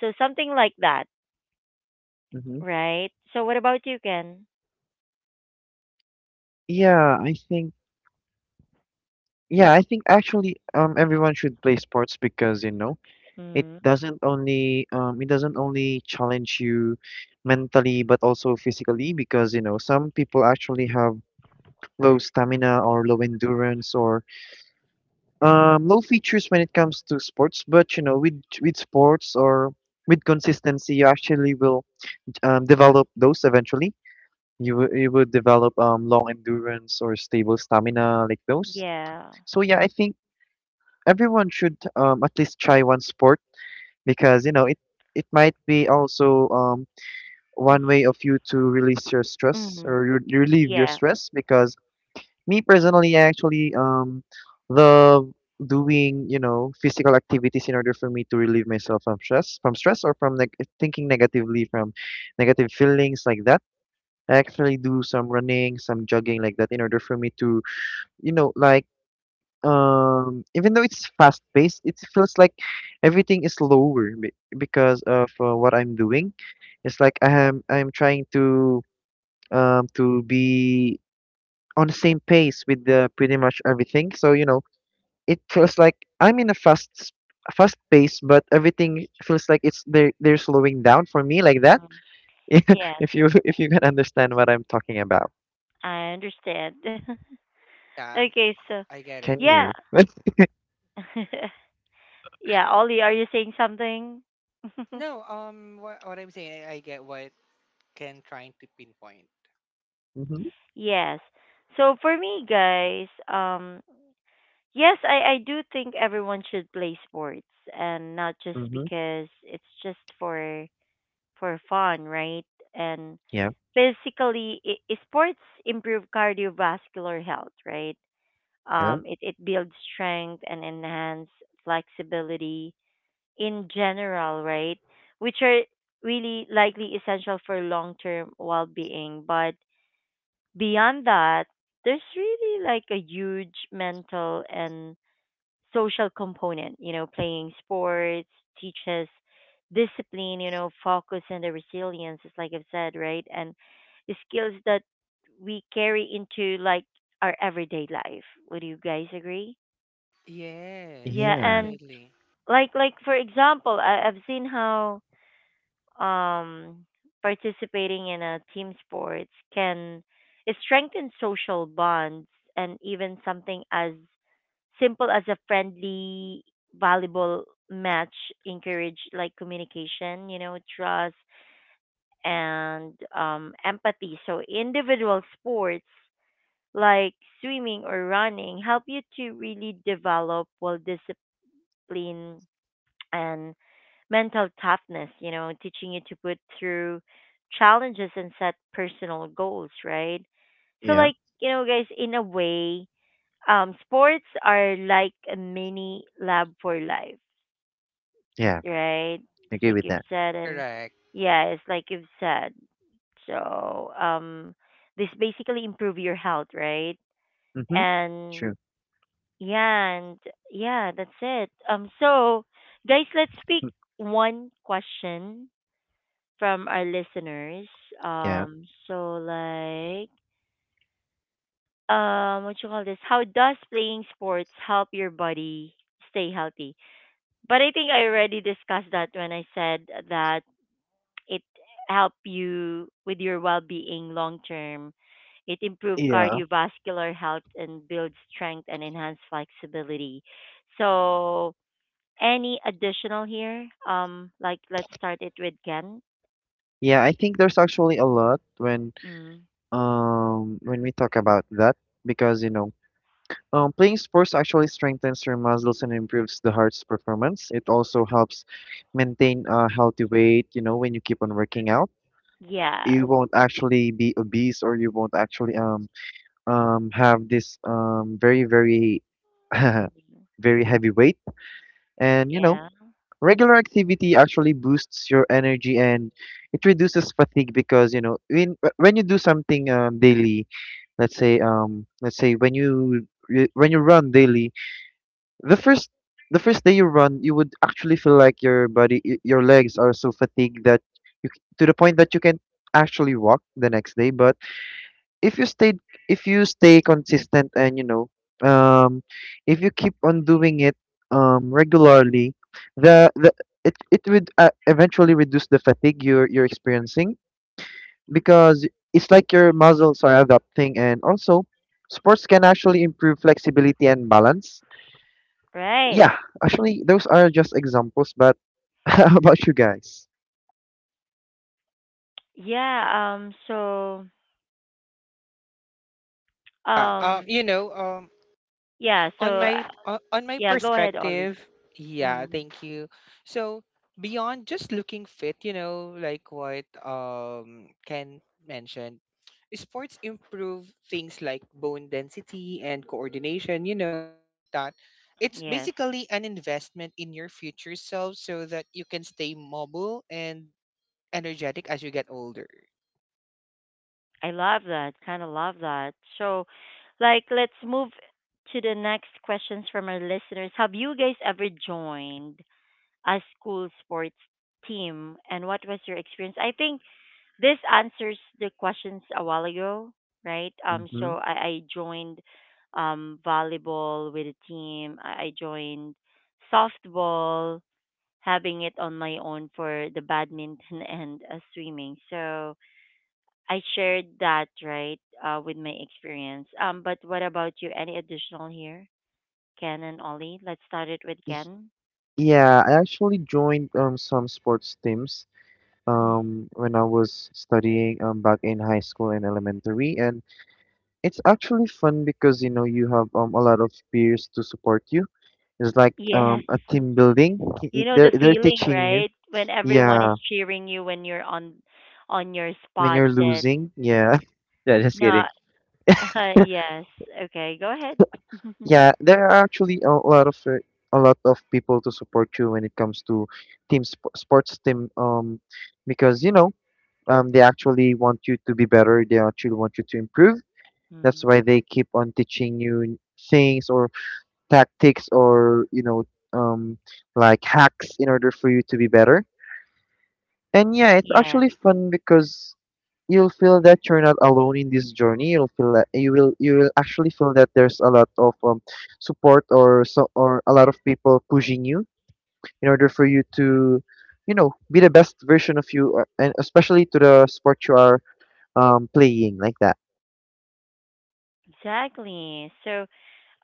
Speaker 1: So something like that,
Speaker 2: Mm-hmm.
Speaker 1: right? So what about you, Ken?
Speaker 2: Yeah, I think. Yeah, I think actually, um everyone should play sports because you know it
Speaker 1: Mm-hmm.
Speaker 2: doesn't only um it doesn't only challenge you mentally, but also physically, because you know some people actually have low stamina or low endurance or um low features when it comes to sports, but you know with with sports, or with consistency, you actually will um, develop those eventually. You will- you would develop um long endurance or stable stamina, like those.
Speaker 1: Yeah.
Speaker 2: So yeah, I think everyone should, um, at least try one sport, because you know it it might be also um, one way of you to release your stress
Speaker 1: Mm-hmm.
Speaker 2: or re- relieve your
Speaker 1: Yeah.
Speaker 2: stress. Because me personally, I actually um love doing, you know physical activities in order for me to relieve myself from stress from stress or from neg- thinking negatively, from negative feelings like that. I actually do some running, some jogging like that, in order for me to, you know like, um even though it's fast paced, it feels like everything is slower be- because of uh, what I'm doing. It's like i am I'm trying to um to be on the same pace with the pretty much everything, so, you know, it feels like I'm in a fast s- fast pace but everything feels like it's they're, they're slowing down for me, like that.
Speaker 1: Mm-hmm. Yes.
Speaker 2: If you if you can understand what I'm talking about.
Speaker 1: I understand.
Speaker 3: Yeah,
Speaker 1: Okay, so
Speaker 3: I get it.
Speaker 2: Can
Speaker 1: yeah.
Speaker 2: you?
Speaker 1: Yeah, Ollie, are you saying something?
Speaker 3: No, um what, what I'm saying, I, I get what Ken trying to pinpoint.
Speaker 2: Mm-hmm,
Speaker 1: Yes. So for me guys, um yes, I I do think everyone should play sports, and not just
Speaker 2: mm-hmm.
Speaker 1: because it's just for for fun, right? And
Speaker 2: Yeah,
Speaker 1: basically i i- sports improve cardiovascular health, right?
Speaker 2: yeah,
Speaker 1: Um it it builds strength and enhance flexibility in general, right? Which are really likely essential for long term well being. But beyond that, there's really like a huge mental and social component, you know, playing sports teaches discipline, you know, focus and the resilience, is like I've said, right? And the skills that we carry into like our everyday life. Would you guys agree?
Speaker 3: Yes,
Speaker 1: Yeah,
Speaker 2: yeah,
Speaker 1: and
Speaker 3: definitely.
Speaker 1: like like for example, I, I've seen how um, participating in a team sports can strengthen social bonds, and even something as simple as a friendly volleyball match encourage like communication, you know, trust and um, empathy. So individual sports like swimming or running help you to really develop well discipline and mental toughness, you know, teaching you to put through challenges and set personal goals, right? So
Speaker 2: yeah,
Speaker 1: like, you know, guys, in a way, um sports are like a mini lab for life,
Speaker 2: yeah,
Speaker 1: right?
Speaker 2: I
Speaker 1: It's
Speaker 2: agree
Speaker 1: like
Speaker 2: with
Speaker 1: you've
Speaker 2: that.
Speaker 1: said. And
Speaker 3: Correct.
Speaker 1: yeah, it's like you've said. So, um this basically improve your health, right?
Speaker 2: Mhm.
Speaker 1: And
Speaker 2: True.
Speaker 1: yeah, and yeah, that's it. Um so guys, let's pick
Speaker 2: Mm.
Speaker 1: one question from our listeners.
Speaker 2: Yeah.
Speaker 1: Um, so like, um, what you call this? How does playing sports help your body stay healthy? But I think I already discussed that when I said that it help you with your well-being long term. It improve
Speaker 2: Yeah.
Speaker 1: cardiovascular health and builds strength and enhance flexibility. So, any additional here? Um, like, let's start it with Ken.
Speaker 2: Yeah, I think there's actually a lot when
Speaker 1: Mm.
Speaker 2: um when we talk about that, because you know um playing sports actually strengthens your muscles and improves the heart's performance. It also helps maintain a healthy weight, you know, when you keep on working out.
Speaker 1: Yeah.
Speaker 2: You won't actually be obese, or you won't actually um um have this um very very very heavy weight. And, you know,
Speaker 1: Yeah.
Speaker 2: regular activity actually boosts your energy and it reduces fatigue, because you know when when you do something um, daily, let's say, um let's say, when you when you run daily, the first the first day you run, you would actually feel like your body, y- your legs are so fatigued that, you c- to the point that you can actually walk the next day. But if you stay if you stay consistent, and, you know um if you keep on doing it um regularly, the the it it would, uh, eventually reduce the fatigue you're you're experiencing, because it's like your muscles are adapting, and also sports can actually improve flexibility and balance.
Speaker 1: Right.
Speaker 2: Yeah, actually, those are just examples. But how about you guys?
Speaker 1: Yeah. Um. So.
Speaker 3: Uh, um,
Speaker 1: Um.
Speaker 3: you know, um
Speaker 1: Yeah. So.
Speaker 3: on
Speaker 1: Uh,
Speaker 3: my o- on my
Speaker 1: yeah. Go ahead, Ollie.
Speaker 3: perspective, yeah,
Speaker 1: Mm.
Speaker 3: thank you. So beyond just looking fit, you know, like what um Ken mentioned, sports improve things like bone density and coordination, you know, something like that. It's
Speaker 1: Yes.
Speaker 3: basically an investment in your future self so that you can stay mobile and energetic as you get older.
Speaker 1: I love that. Kind of love that. So, like, let's move to the next questions from our listeners. Have you guys ever joined a school sports team, and what was your experience? I think this answers the questions a while ago, right? Um,
Speaker 2: hmm
Speaker 1: so I, I joined um, volleyball with a team. I, I joined softball, having it on my own for the badminton and uh, swimming. So I shared that, right, uh, with my experience. Um, but what about you? Any additional here, Ken and Ollie? Let's start it with Ken.
Speaker 2: yeah, I actually joined um some sports teams
Speaker 1: Mm.
Speaker 2: um, when I was studying, um, back in high school and elementary. And it's actually fun because, you know, you have, um, a lot of peers to support you. It's like, um,
Speaker 1: Yes.
Speaker 2: a team building. K-
Speaker 1: You
Speaker 2: it-
Speaker 1: know
Speaker 2: They're,
Speaker 1: the
Speaker 2: they're
Speaker 1: feeling,
Speaker 2: teaching you.
Speaker 1: right? When everyone is
Speaker 2: Yeah.
Speaker 1: cheering you when you're on on your
Speaker 2: When
Speaker 1: spot,
Speaker 2: you're
Speaker 1: then
Speaker 2: losing. Yeah. Yeah, just
Speaker 1: no,
Speaker 2: kidding.
Speaker 1: yes. Okay, go ahead.
Speaker 2: Yeah, there are actually a lot of uh, a lot of people to support you when it comes to team sp- sports team. Um because, you know um they actually want you to be better, they actually want you to improve. That's
Speaker 1: Mm.
Speaker 2: why they keep on teaching you things, or tactics, or, you know, um, like, hacks in order for you to be better. And yeah, it's
Speaker 1: Yeah,
Speaker 2: actually fun because you'll feel that you're not alone in this journey. You'll feel that you will you will actually feel that there's a lot of, um, support, or so or a lot of people pushing you in order for you to, you know, be the best version of you, uh, and especially to the sport you are, um, playing like that.
Speaker 1: exactly. So,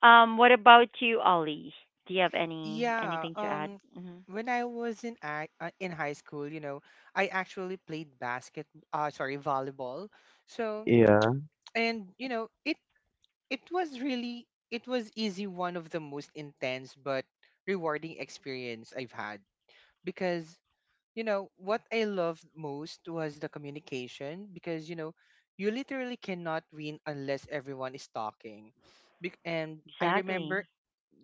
Speaker 1: um, what about you, Ollie? Do you have any
Speaker 3: Yeah,
Speaker 1: anything to add?
Speaker 3: um,
Speaker 1: Hmm.
Speaker 3: when I was in ac- uh, in high school, you know, I actually played basket, uh, sorry, volleyball. So,
Speaker 2: Yeah.
Speaker 3: and you know, it it was really, it was easy one of the most intense but rewarding experience I've had, because you know what I loved most was the communication, because you know you literally cannot win unless everyone is talking. Bec- and I remember
Speaker 1: Exactly.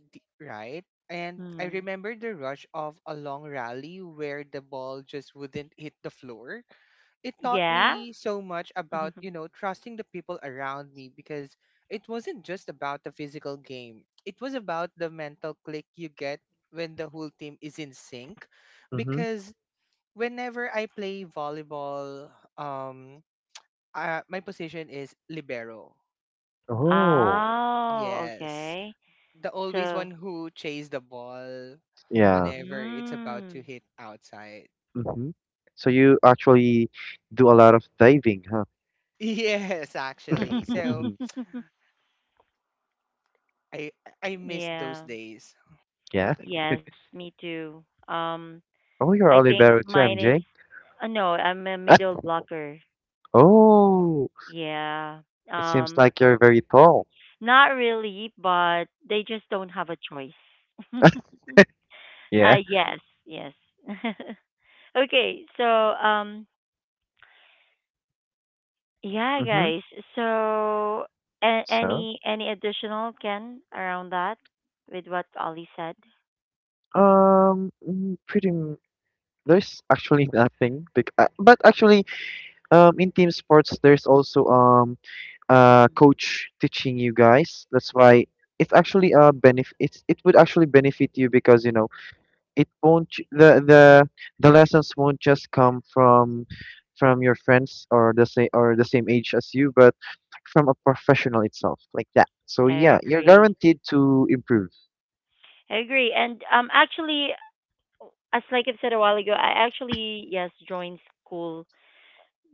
Speaker 3: D- Right? And I
Speaker 1: Mm.
Speaker 3: remember the rush of a long rally where the ball just wouldn't hit the floor. It taught
Speaker 1: Yeah.
Speaker 3: me so much about, you know, trusting the people around me, because it wasn't just about the physical game. It was about the mental click you get when the whole team is in sync,
Speaker 2: Mm-hmm.
Speaker 3: because whenever I play volleyball, um uh, my position is libero.
Speaker 2: Oh.
Speaker 1: Oh,
Speaker 3: Yes.
Speaker 1: okay.
Speaker 3: The always
Speaker 1: So,
Speaker 3: one who chase the ball
Speaker 2: Yeah.
Speaker 3: whenever it's about to
Speaker 1: mm.
Speaker 3: hit outside.
Speaker 2: Mhm. So you actually do a lot of diving, huh?
Speaker 3: Yes, actually. So I I miss those
Speaker 1: yeah.
Speaker 3: days.
Speaker 2: Yeah.
Speaker 1: Yes, me too. Um,
Speaker 2: Oh, you're
Speaker 1: I think
Speaker 2: Olivero too,
Speaker 1: mine is
Speaker 2: M J.
Speaker 1: uh, no, I'm a middle blocker.
Speaker 2: Oh,
Speaker 1: Yeah.
Speaker 2: it seems
Speaker 1: Um,
Speaker 2: like you're very tall.
Speaker 1: not really, but they just don't have a choice. uh,
Speaker 2: Yeah.
Speaker 1: yes, yes. okay, so um, yeah,
Speaker 2: Mm-hmm.
Speaker 1: guys. So a-
Speaker 2: So,
Speaker 1: any any additional Ken around that with what Ollie said?
Speaker 2: um, mm, pretty. m- There's actually nothing. Bec uh, But actually, um, in team sports, there's also um, uh,
Speaker 1: Mm,
Speaker 2: coach teaching you guys. That's why it's actually a benefit. It's it would actually benefit you because, you know, it won't ju- the the the lessons won't just come from from your friends, or the same or the same age as you, but from a professional itself, like that. So
Speaker 1: I
Speaker 2: yeah, you're
Speaker 1: agree.
Speaker 2: guaranteed to improve.
Speaker 1: I agree. And um, actually, as like I've said a while ago, I actually yes joined school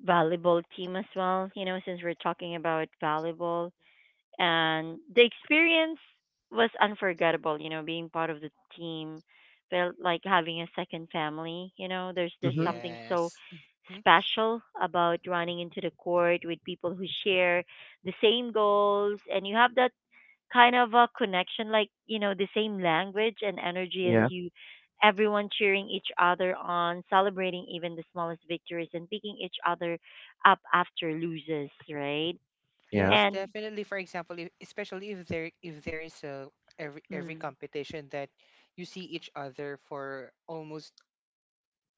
Speaker 1: volleyball team as well. You know, since we're talking about volleyball, and the experience was unforgettable. You know, being part of the team felt like having a second family. You know, there's there's
Speaker 2: Mm-hmm.
Speaker 1: something so
Speaker 3: Yes. hmm
Speaker 1: special about running into the court with people who share the same goals, and you have that kind of a connection, like, you know, the same language and energy as
Speaker 2: Yeah.
Speaker 1: you, everyone cheering each other on, celebrating even the smallest victories and picking each other up after loses, right?
Speaker 2: Yeah.
Speaker 3: Yes,
Speaker 1: And
Speaker 3: definitely. For example, if, especially if there if there is a every every
Speaker 1: mm,
Speaker 3: competition that you see each other for almost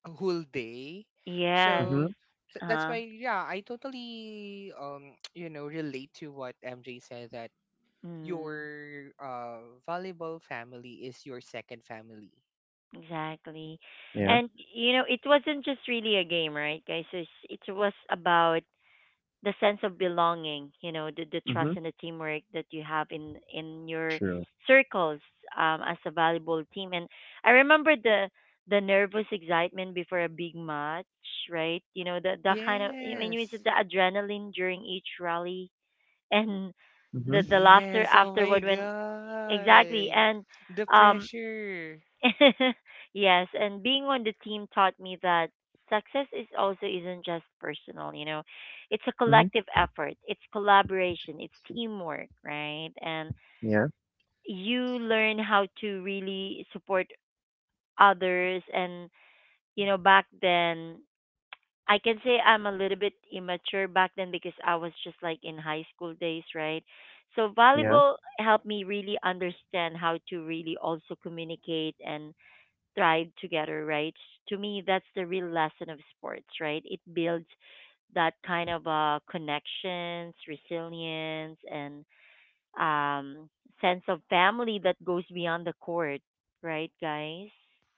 Speaker 3: a whole day.
Speaker 1: yes,
Speaker 2: Mm-hmm.
Speaker 3: So th- that's
Speaker 1: uh,
Speaker 3: why, yeah, I totally um you know relate to what M J said that
Speaker 1: mm,
Speaker 3: your uh, volleyball family is your second family.
Speaker 1: exactly.
Speaker 2: Yeah.
Speaker 1: And you know, it wasn't just really a game, right, guys? It's, it was about the sense of belonging, you know, the, the trust
Speaker 2: Mm-hmm.
Speaker 1: and the teamwork that you have in in your
Speaker 2: True.
Speaker 1: circles um, as a valuable team. And I remember the the nervous excitement before a big match, right, you know, the the kind of i mean it's
Speaker 3: Yes.
Speaker 1: the adrenaline during each rally. And the
Speaker 2: Mm-hmm.
Speaker 1: the laughter
Speaker 3: Yes. Oh my
Speaker 1: afterward, when exactly,
Speaker 3: God.
Speaker 1: and
Speaker 3: The
Speaker 1: um
Speaker 3: pressure.
Speaker 1: yes, and being on the team taught me that success is also isn't just personal, you know. It's a
Speaker 2: Mm-hmm.
Speaker 1: collective effort, it's collaboration, it's teamwork, right? And
Speaker 2: Yeah.
Speaker 1: you learn how to really support others. And you know, back then I can say I'm a little bit immature back then because I was just like in high school days, right? So
Speaker 2: Yeah.
Speaker 1: volleyball helped me really understand how to really also communicate and thrive together, right? To me, that's the real lesson of sports, right? It builds that kind of uh, connections, resilience, and um, sense of family that goes beyond the court, right, guys?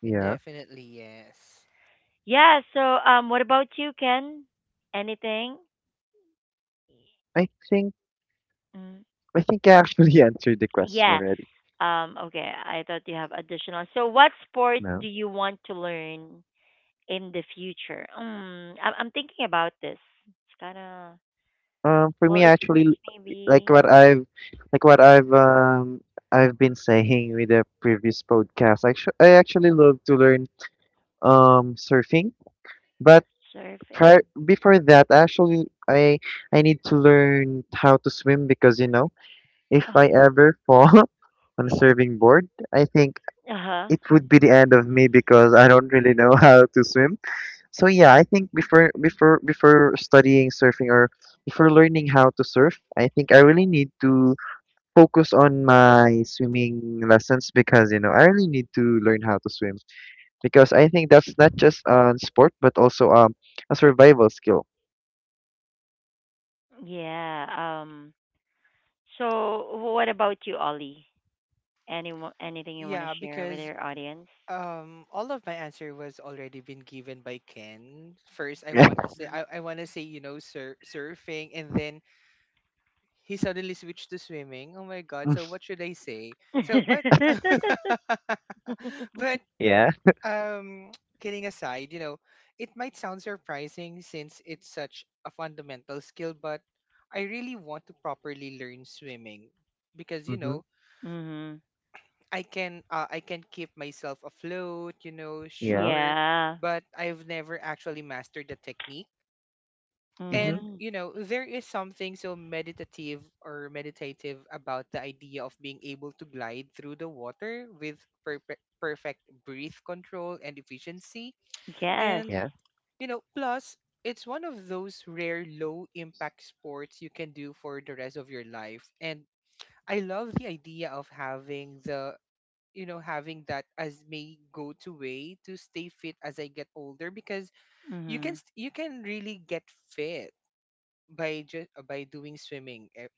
Speaker 2: Yeah.
Speaker 3: Definitely yes.
Speaker 1: Yeah. So, um, what about you, Ken? Anything?
Speaker 2: I think
Speaker 1: Mm,
Speaker 2: I think I actually answered the question
Speaker 1: yeah.
Speaker 2: already.
Speaker 1: Um, okay. I thought you have additional. So, what sport do
Speaker 2: No.
Speaker 1: you want to learn in the future? Mm, I'm, I'm thinking about this. It's kind of.
Speaker 2: Um, for me,
Speaker 1: Well,
Speaker 2: actually,
Speaker 1: sports
Speaker 2: like
Speaker 1: maybe
Speaker 2: what I've, like what I've, um, I've been saying with the previous podcast. Actually, I actually love to learn um surfing, but prior
Speaker 1: surfing.
Speaker 2: before that, actually, I I need to learn how to swim, because, you know, if I
Speaker 1: Uh-huh.
Speaker 2: ever fall on a surfing board, I think
Speaker 1: Uh-huh.
Speaker 2: it would be the end of me because I don't really know how to swim. So yeah, I think before before before studying surfing, or before learning how to surf, I think I really need to focus on my swimming lessons, because you know I really need to learn how to swim, because I think that's not just a sport, but also um a survival skill.
Speaker 1: Yeah. Um so what about you, Ollie? Any anything you want to
Speaker 3: Yeah,
Speaker 1: share with
Speaker 3: because
Speaker 1: your audience?
Speaker 3: um all of my answer was already been given by Ken. First I want to say,
Speaker 1: Mhm.
Speaker 3: I, I wanna say, you know, sur- surfing, and then he suddenly switched to swimming. Oh my god, so what should I say? So but but
Speaker 2: Yeah.
Speaker 3: um kidding aside, you know, it might sound surprising since it's such a fundamental skill, but I really want to properly learn swimming, because you
Speaker 2: Mm.
Speaker 3: know
Speaker 1: mhm.
Speaker 3: i can uh, I can keep myself afloat, you know,
Speaker 2: Yeah.
Speaker 3: sure,
Speaker 1: Yeah.
Speaker 3: but I've never actually mastered the technique,
Speaker 2: Mm-hmm.
Speaker 3: and
Speaker 1: Mm.
Speaker 3: you know there is something so meditative or meditative about the idea of being able to glide through the water with perfect perfect breath control and efficiency.
Speaker 1: Yes.
Speaker 2: Yeah.
Speaker 3: And
Speaker 2: Mm-hmm. Yeah.
Speaker 3: you know, plus it's one of those rare low impact sports you can do for the rest of your life. And I love the idea of having the you know having that as my go-to way to stay fit as I get older, because you can
Speaker 1: Mhm.
Speaker 3: st- you can really get fit by just by doing swimming. Eh,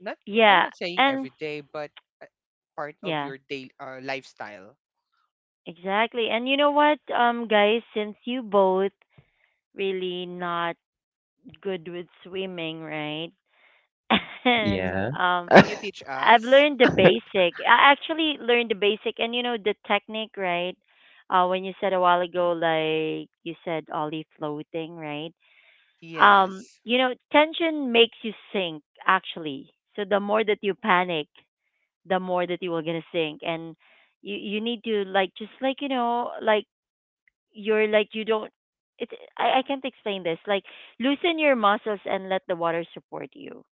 Speaker 3: Not, or, I'm
Speaker 1: Yeah.
Speaker 3: not saying
Speaker 1: And
Speaker 3: every day, but uh, part of
Speaker 1: yeah,
Speaker 3: your day, uh, lifestyle.
Speaker 1: exactly. And you know what, um guys, since you both really not good with swimming, right? And
Speaker 2: Yeah.
Speaker 1: um
Speaker 3: Can you teach
Speaker 1: I've
Speaker 3: us?
Speaker 1: learned the basic. I actually learned the basic and you know the technique, right? Uh, when you said a while ago, like you said, Ollie floating, right? Um,
Speaker 3: Yes.
Speaker 1: you know, tension makes you sink actually. So the more that you panic, the more that you are gonna sink, and you you need to like, just like, you know, like you're like you don't. It's, I I can't explain this. Like, loosen your muscles and let the water support you.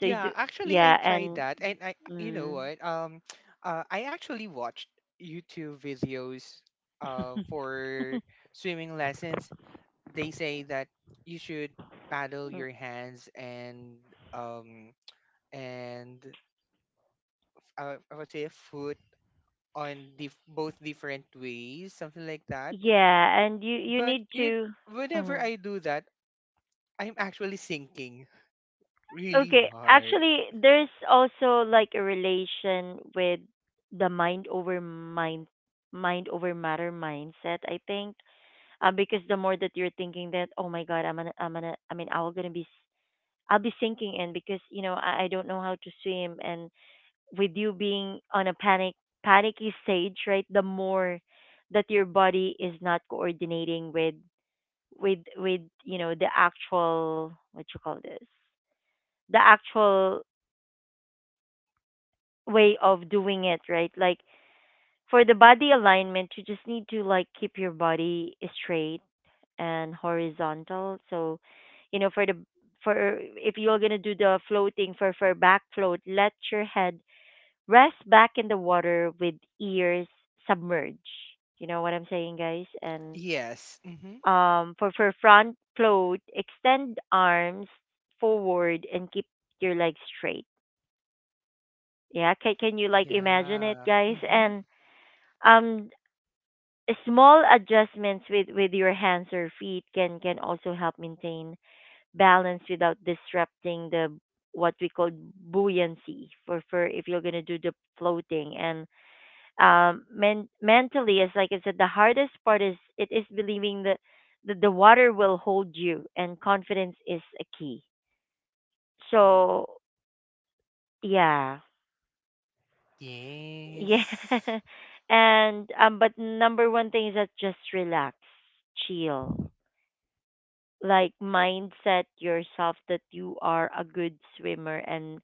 Speaker 1: So you do,
Speaker 3: actually, I've
Speaker 1: yeah,
Speaker 3: tried
Speaker 1: and.
Speaker 3: that, and I, you know
Speaker 1: Mm.
Speaker 3: what? Um, uh, I actually watched YouTube videos, uh, for swimming lessons. They say that you should paddle your hands and um and uh, I would say foot on the both different ways, something like that.
Speaker 1: Yeah, and you you
Speaker 3: But
Speaker 1: need
Speaker 3: it,
Speaker 1: to.
Speaker 3: whenever
Speaker 1: Mhm.
Speaker 3: I do that, I'm actually sinking really
Speaker 1: Okay,
Speaker 3: hard.
Speaker 1: actually, there's also like a relation with the mind over mind, mind over matter mindset. I think, uh, because the more that you're thinking that, oh my God, I'm gonna, I'm gonna, I mean, I'm gonna be, s- I'll be sinking in because you know I, I don't know how to swim, and with you being on a panic panicky stage, right? The more that your body is not coordinating with with with you know the actual what you call this, the actual way of doing it, right, like for the body alignment, you just need to like keep your body straight and horizontal. So you know, for the, for if you're going to do the floating, for for back float, let your head rest back in the water with ears submerged, you know what I'm saying, guys? And
Speaker 3: Yes. Mm-hmm.
Speaker 1: um, for for front float, extend arms forward and keep your legs straight. Yeah, can can you like imagine it,
Speaker 3: Yeah.
Speaker 1: guys?
Speaker 3: Mm-hmm.
Speaker 1: And um, small adjustments with with your hands or feet can can also help maintain balance without disrupting the what we call buoyancy for for if you're gonna do the floating. And um men- mentally, as like I said, the hardest part is, it is believing that the, the water will hold you, and confidence is a key. So yeah, yeah.
Speaker 3: Yes.
Speaker 1: And um but number one thing is that just relax, chill, like mindset yourself that you are a good swimmer, and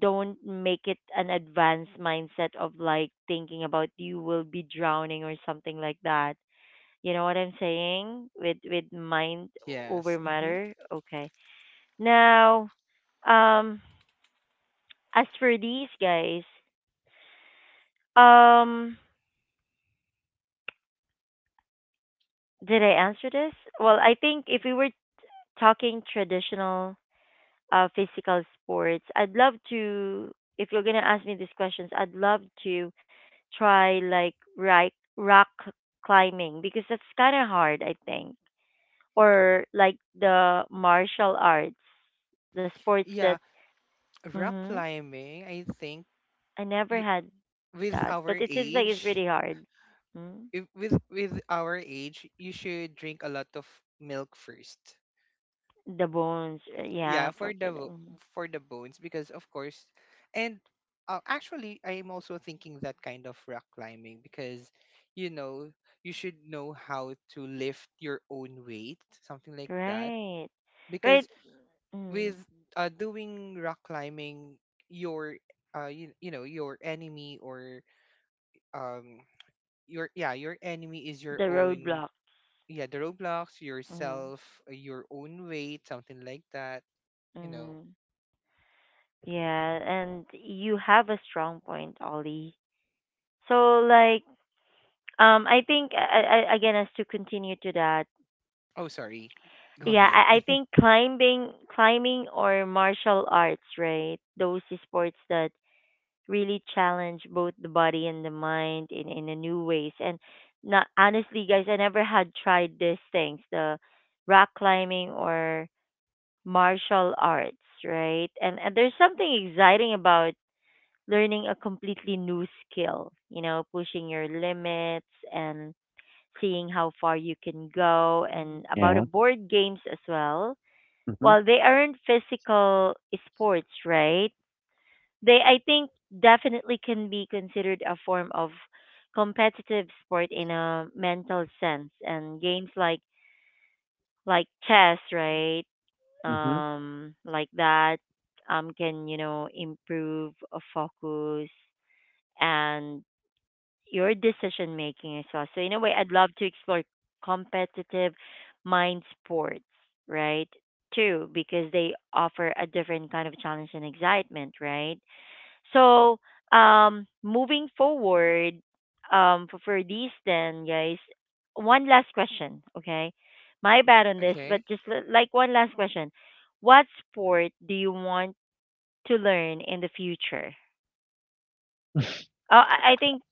Speaker 1: don't make it an advanced mindset of like thinking about you will be drowning or something like that. You know what I'm saying? With with mind
Speaker 3: Yes.
Speaker 1: over
Speaker 3: hmm
Speaker 1: matter. Okay. Now, um, as for these guys, um, did I answer this? Well, I think if we were talking traditional uh physical sports, I'd love to. If you're gonna ask me these questions, I'd love to try like right rock climbing because that's kind of hard, I think, or like the martial arts, the sports that.
Speaker 3: Yeah. Rock
Speaker 1: Mm-hmm.
Speaker 3: climbing, I think
Speaker 1: I never
Speaker 3: you,
Speaker 1: had
Speaker 3: with
Speaker 1: that,
Speaker 3: our
Speaker 1: but it seems like it's
Speaker 3: age,
Speaker 1: really hard. Mm?
Speaker 3: if, with with our age, you should drink a lot of milk first.
Speaker 1: The bones, uh, yeah,
Speaker 3: Yeah,
Speaker 1: for
Speaker 3: for the bo-
Speaker 1: fitting.
Speaker 3: for the bones, because of course, and uh, actually I'm also thinking that kind of rock climbing because you know, you should know how to lift your own weight, something like that.
Speaker 1: Right,
Speaker 3: Because
Speaker 1: right. Mm.
Speaker 3: with uh, doing rock climbing your uh you, you know your enemy or um your yeah, your enemy is
Speaker 1: The
Speaker 3: your own,
Speaker 1: roadblocks.
Speaker 3: yeah, the roadblocks,
Speaker 1: Mm.
Speaker 3: yourself, uh, your own weight, something like that, you know.
Speaker 1: Mm. Yeah, and you have a strong point, Ollie. So like, um, I think uh, uh, again, as to continue to that,
Speaker 3: Oh sorry, go
Speaker 1: yeah,
Speaker 3: ahead.
Speaker 1: I, I think climbing, climbing or martial arts, right? Those sports that really challenge both the body and the mind in in a new ways. And not, honestly, guys, I never had tried these things, the rock climbing or martial arts, right? and, and there's something exciting about learning a completely new skill, you know, pushing your limits and seeing how far you can go. And about a
Speaker 2: Yeah.
Speaker 1: board games as well,
Speaker 2: Mm-hmm.
Speaker 1: while they aren't physical sports, right, they, I think, definitely can be considered a form of competitive sport in a mental sense. And games like like chess, right?
Speaker 2: Mm-hmm.
Speaker 1: Um, like that, um, can you know improve a focus and your decision making as well. So in a way, I'd love to explore competitive mind sports, right? Too, because they offer a different kind of challenge and excitement, right? So, um, moving forward, um, for, for these then, guys, one last question, okay? My bad on this, but
Speaker 3: Okay,
Speaker 1: just li- like one last question. What sport do you want to learn in the future? Oh, I I think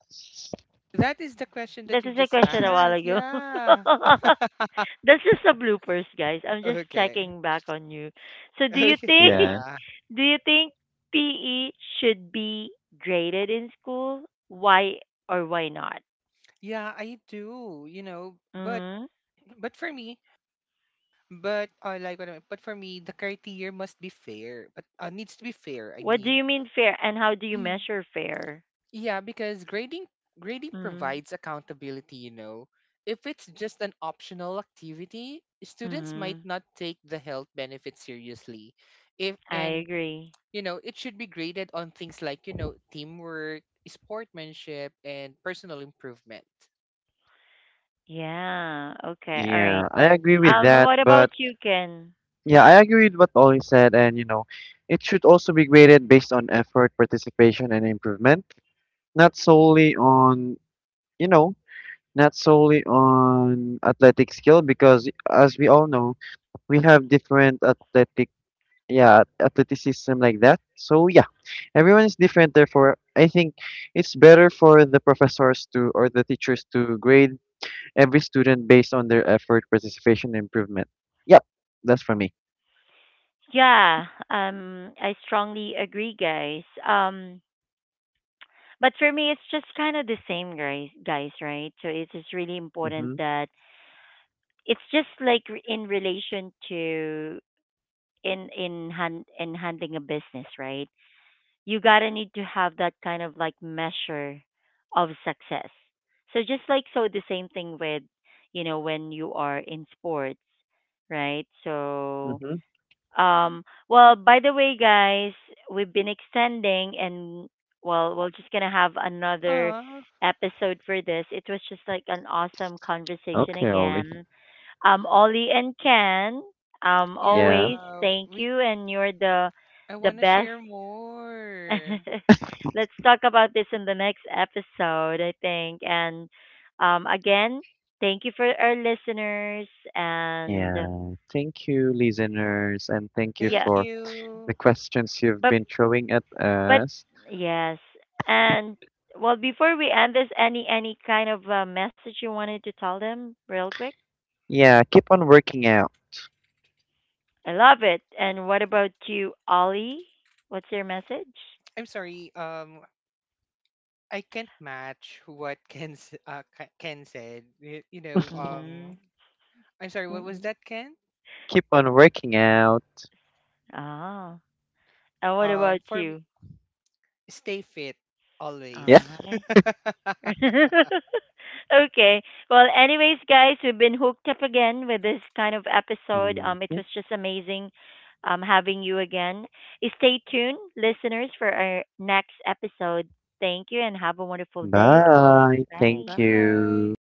Speaker 3: that is the question that
Speaker 1: that
Speaker 3: you
Speaker 1: is a
Speaker 3: just
Speaker 1: question a while
Speaker 3: asked,
Speaker 1: ago.
Speaker 3: yeah.
Speaker 1: That's just a bloopers, guys. I'm just
Speaker 3: Okay.
Speaker 1: checking back on you. So, do you
Speaker 3: Okay,
Speaker 1: think
Speaker 2: Yeah.
Speaker 3: yeah.
Speaker 1: do you think P E should be graded in school? Why or why not?
Speaker 3: Yeah, I do, you know, but
Speaker 1: Mm-hmm.
Speaker 3: but for me, but I like what I mean. But for me, the criteria must be fair. But uh, needs to be fair. I
Speaker 1: What do
Speaker 3: mean,
Speaker 1: you mean fair, and how do you measure fair?
Speaker 3: yeah, because grading grading provides accountability. You know, if it's just an optional activity, students might
Speaker 1: Mm-hmm.
Speaker 3: not take the health benefits seriously. If
Speaker 1: I
Speaker 3: and
Speaker 1: agree.
Speaker 3: you know, it should be graded on things like you know teamwork, sportsmanship, and personal improvement.
Speaker 1: Yeah. Okay. All right.
Speaker 2: Yeah. I agree with
Speaker 1: Um.
Speaker 2: that,
Speaker 1: What about
Speaker 2: but
Speaker 1: you, Ken?
Speaker 2: yeah, I agree with what Ollie said, and, you know, it should also be graded based on effort, participation, and improvement, not solely on, you know, not solely on athletic skill, because, as we all know, we have different athletic, yeah, athleticism, like that. So yeah, everyone is different. Therefore, I think it's better for the professors to, or the teachers to, grade every student based on their effort, participation, and improvement. Yep, that's for me.
Speaker 1: Yeah. Um. I strongly agree, guys. Um. But for me, it's just kind of the same, guys. Guys, right? So it's just really important
Speaker 2: Mhm.
Speaker 1: that it's just like re- in relation to in in hand in handling a business, right? You gotta need to have that kind of like measure of success. So just like, so the same thing with, you know, when you are in sports, right? So
Speaker 2: Mm-hmm.
Speaker 1: um, well, by the way, guys, we've been extending, and well, we're just gonna have another
Speaker 3: Ah,
Speaker 1: episode for this. It was just like an awesome conversation
Speaker 2: Okay, Ollie.
Speaker 1: again. Um, Ollie and Ken, um,
Speaker 2: Yeah.
Speaker 1: always
Speaker 3: yeah.
Speaker 1: thank
Speaker 3: We
Speaker 1: you and you're the
Speaker 3: I
Speaker 1: the
Speaker 3: wanna
Speaker 1: best.
Speaker 3: share more.
Speaker 1: Let's talk about this in the next episode, I think. And um, again, thank you for our listeners. And
Speaker 2: Yeah. Thank you, listeners, and thank you
Speaker 1: yeah,
Speaker 3: Thank
Speaker 2: for
Speaker 3: you.
Speaker 2: the questions you've
Speaker 1: but
Speaker 2: been throwing at
Speaker 1: but
Speaker 2: us.
Speaker 1: yes, and well, before we end this, any any kind of uh, message you wanted to tell them, real quick?
Speaker 2: Yeah, keep on working out.
Speaker 1: I love it. And what about you, Ollie? What's your message?
Speaker 3: I'm sorry. Um, I can't match what Ken s- uh, Ke- Ken said. You, you know,
Speaker 1: Mm-hmm.
Speaker 3: um, I'm sorry. What was
Speaker 1: Mm-hmm.
Speaker 3: that, Ken?
Speaker 2: Keep on working out.
Speaker 1: Ah, and what
Speaker 3: Um,
Speaker 1: about
Speaker 3: for me,
Speaker 1: you?
Speaker 3: stay fit
Speaker 2: Yeah.
Speaker 3: always.
Speaker 1: Ah. okay. Well, anyways, guys, we've been hooked up again with this kind of episode.
Speaker 2: Mhm.
Speaker 1: Um, it was just amazing um, having you again. Stay tuned, listeners, for our next episode. Thank you and have a wonderful day. Um,
Speaker 2: Bye. Thank
Speaker 1: bye.
Speaker 3: Bye.
Speaker 2: you.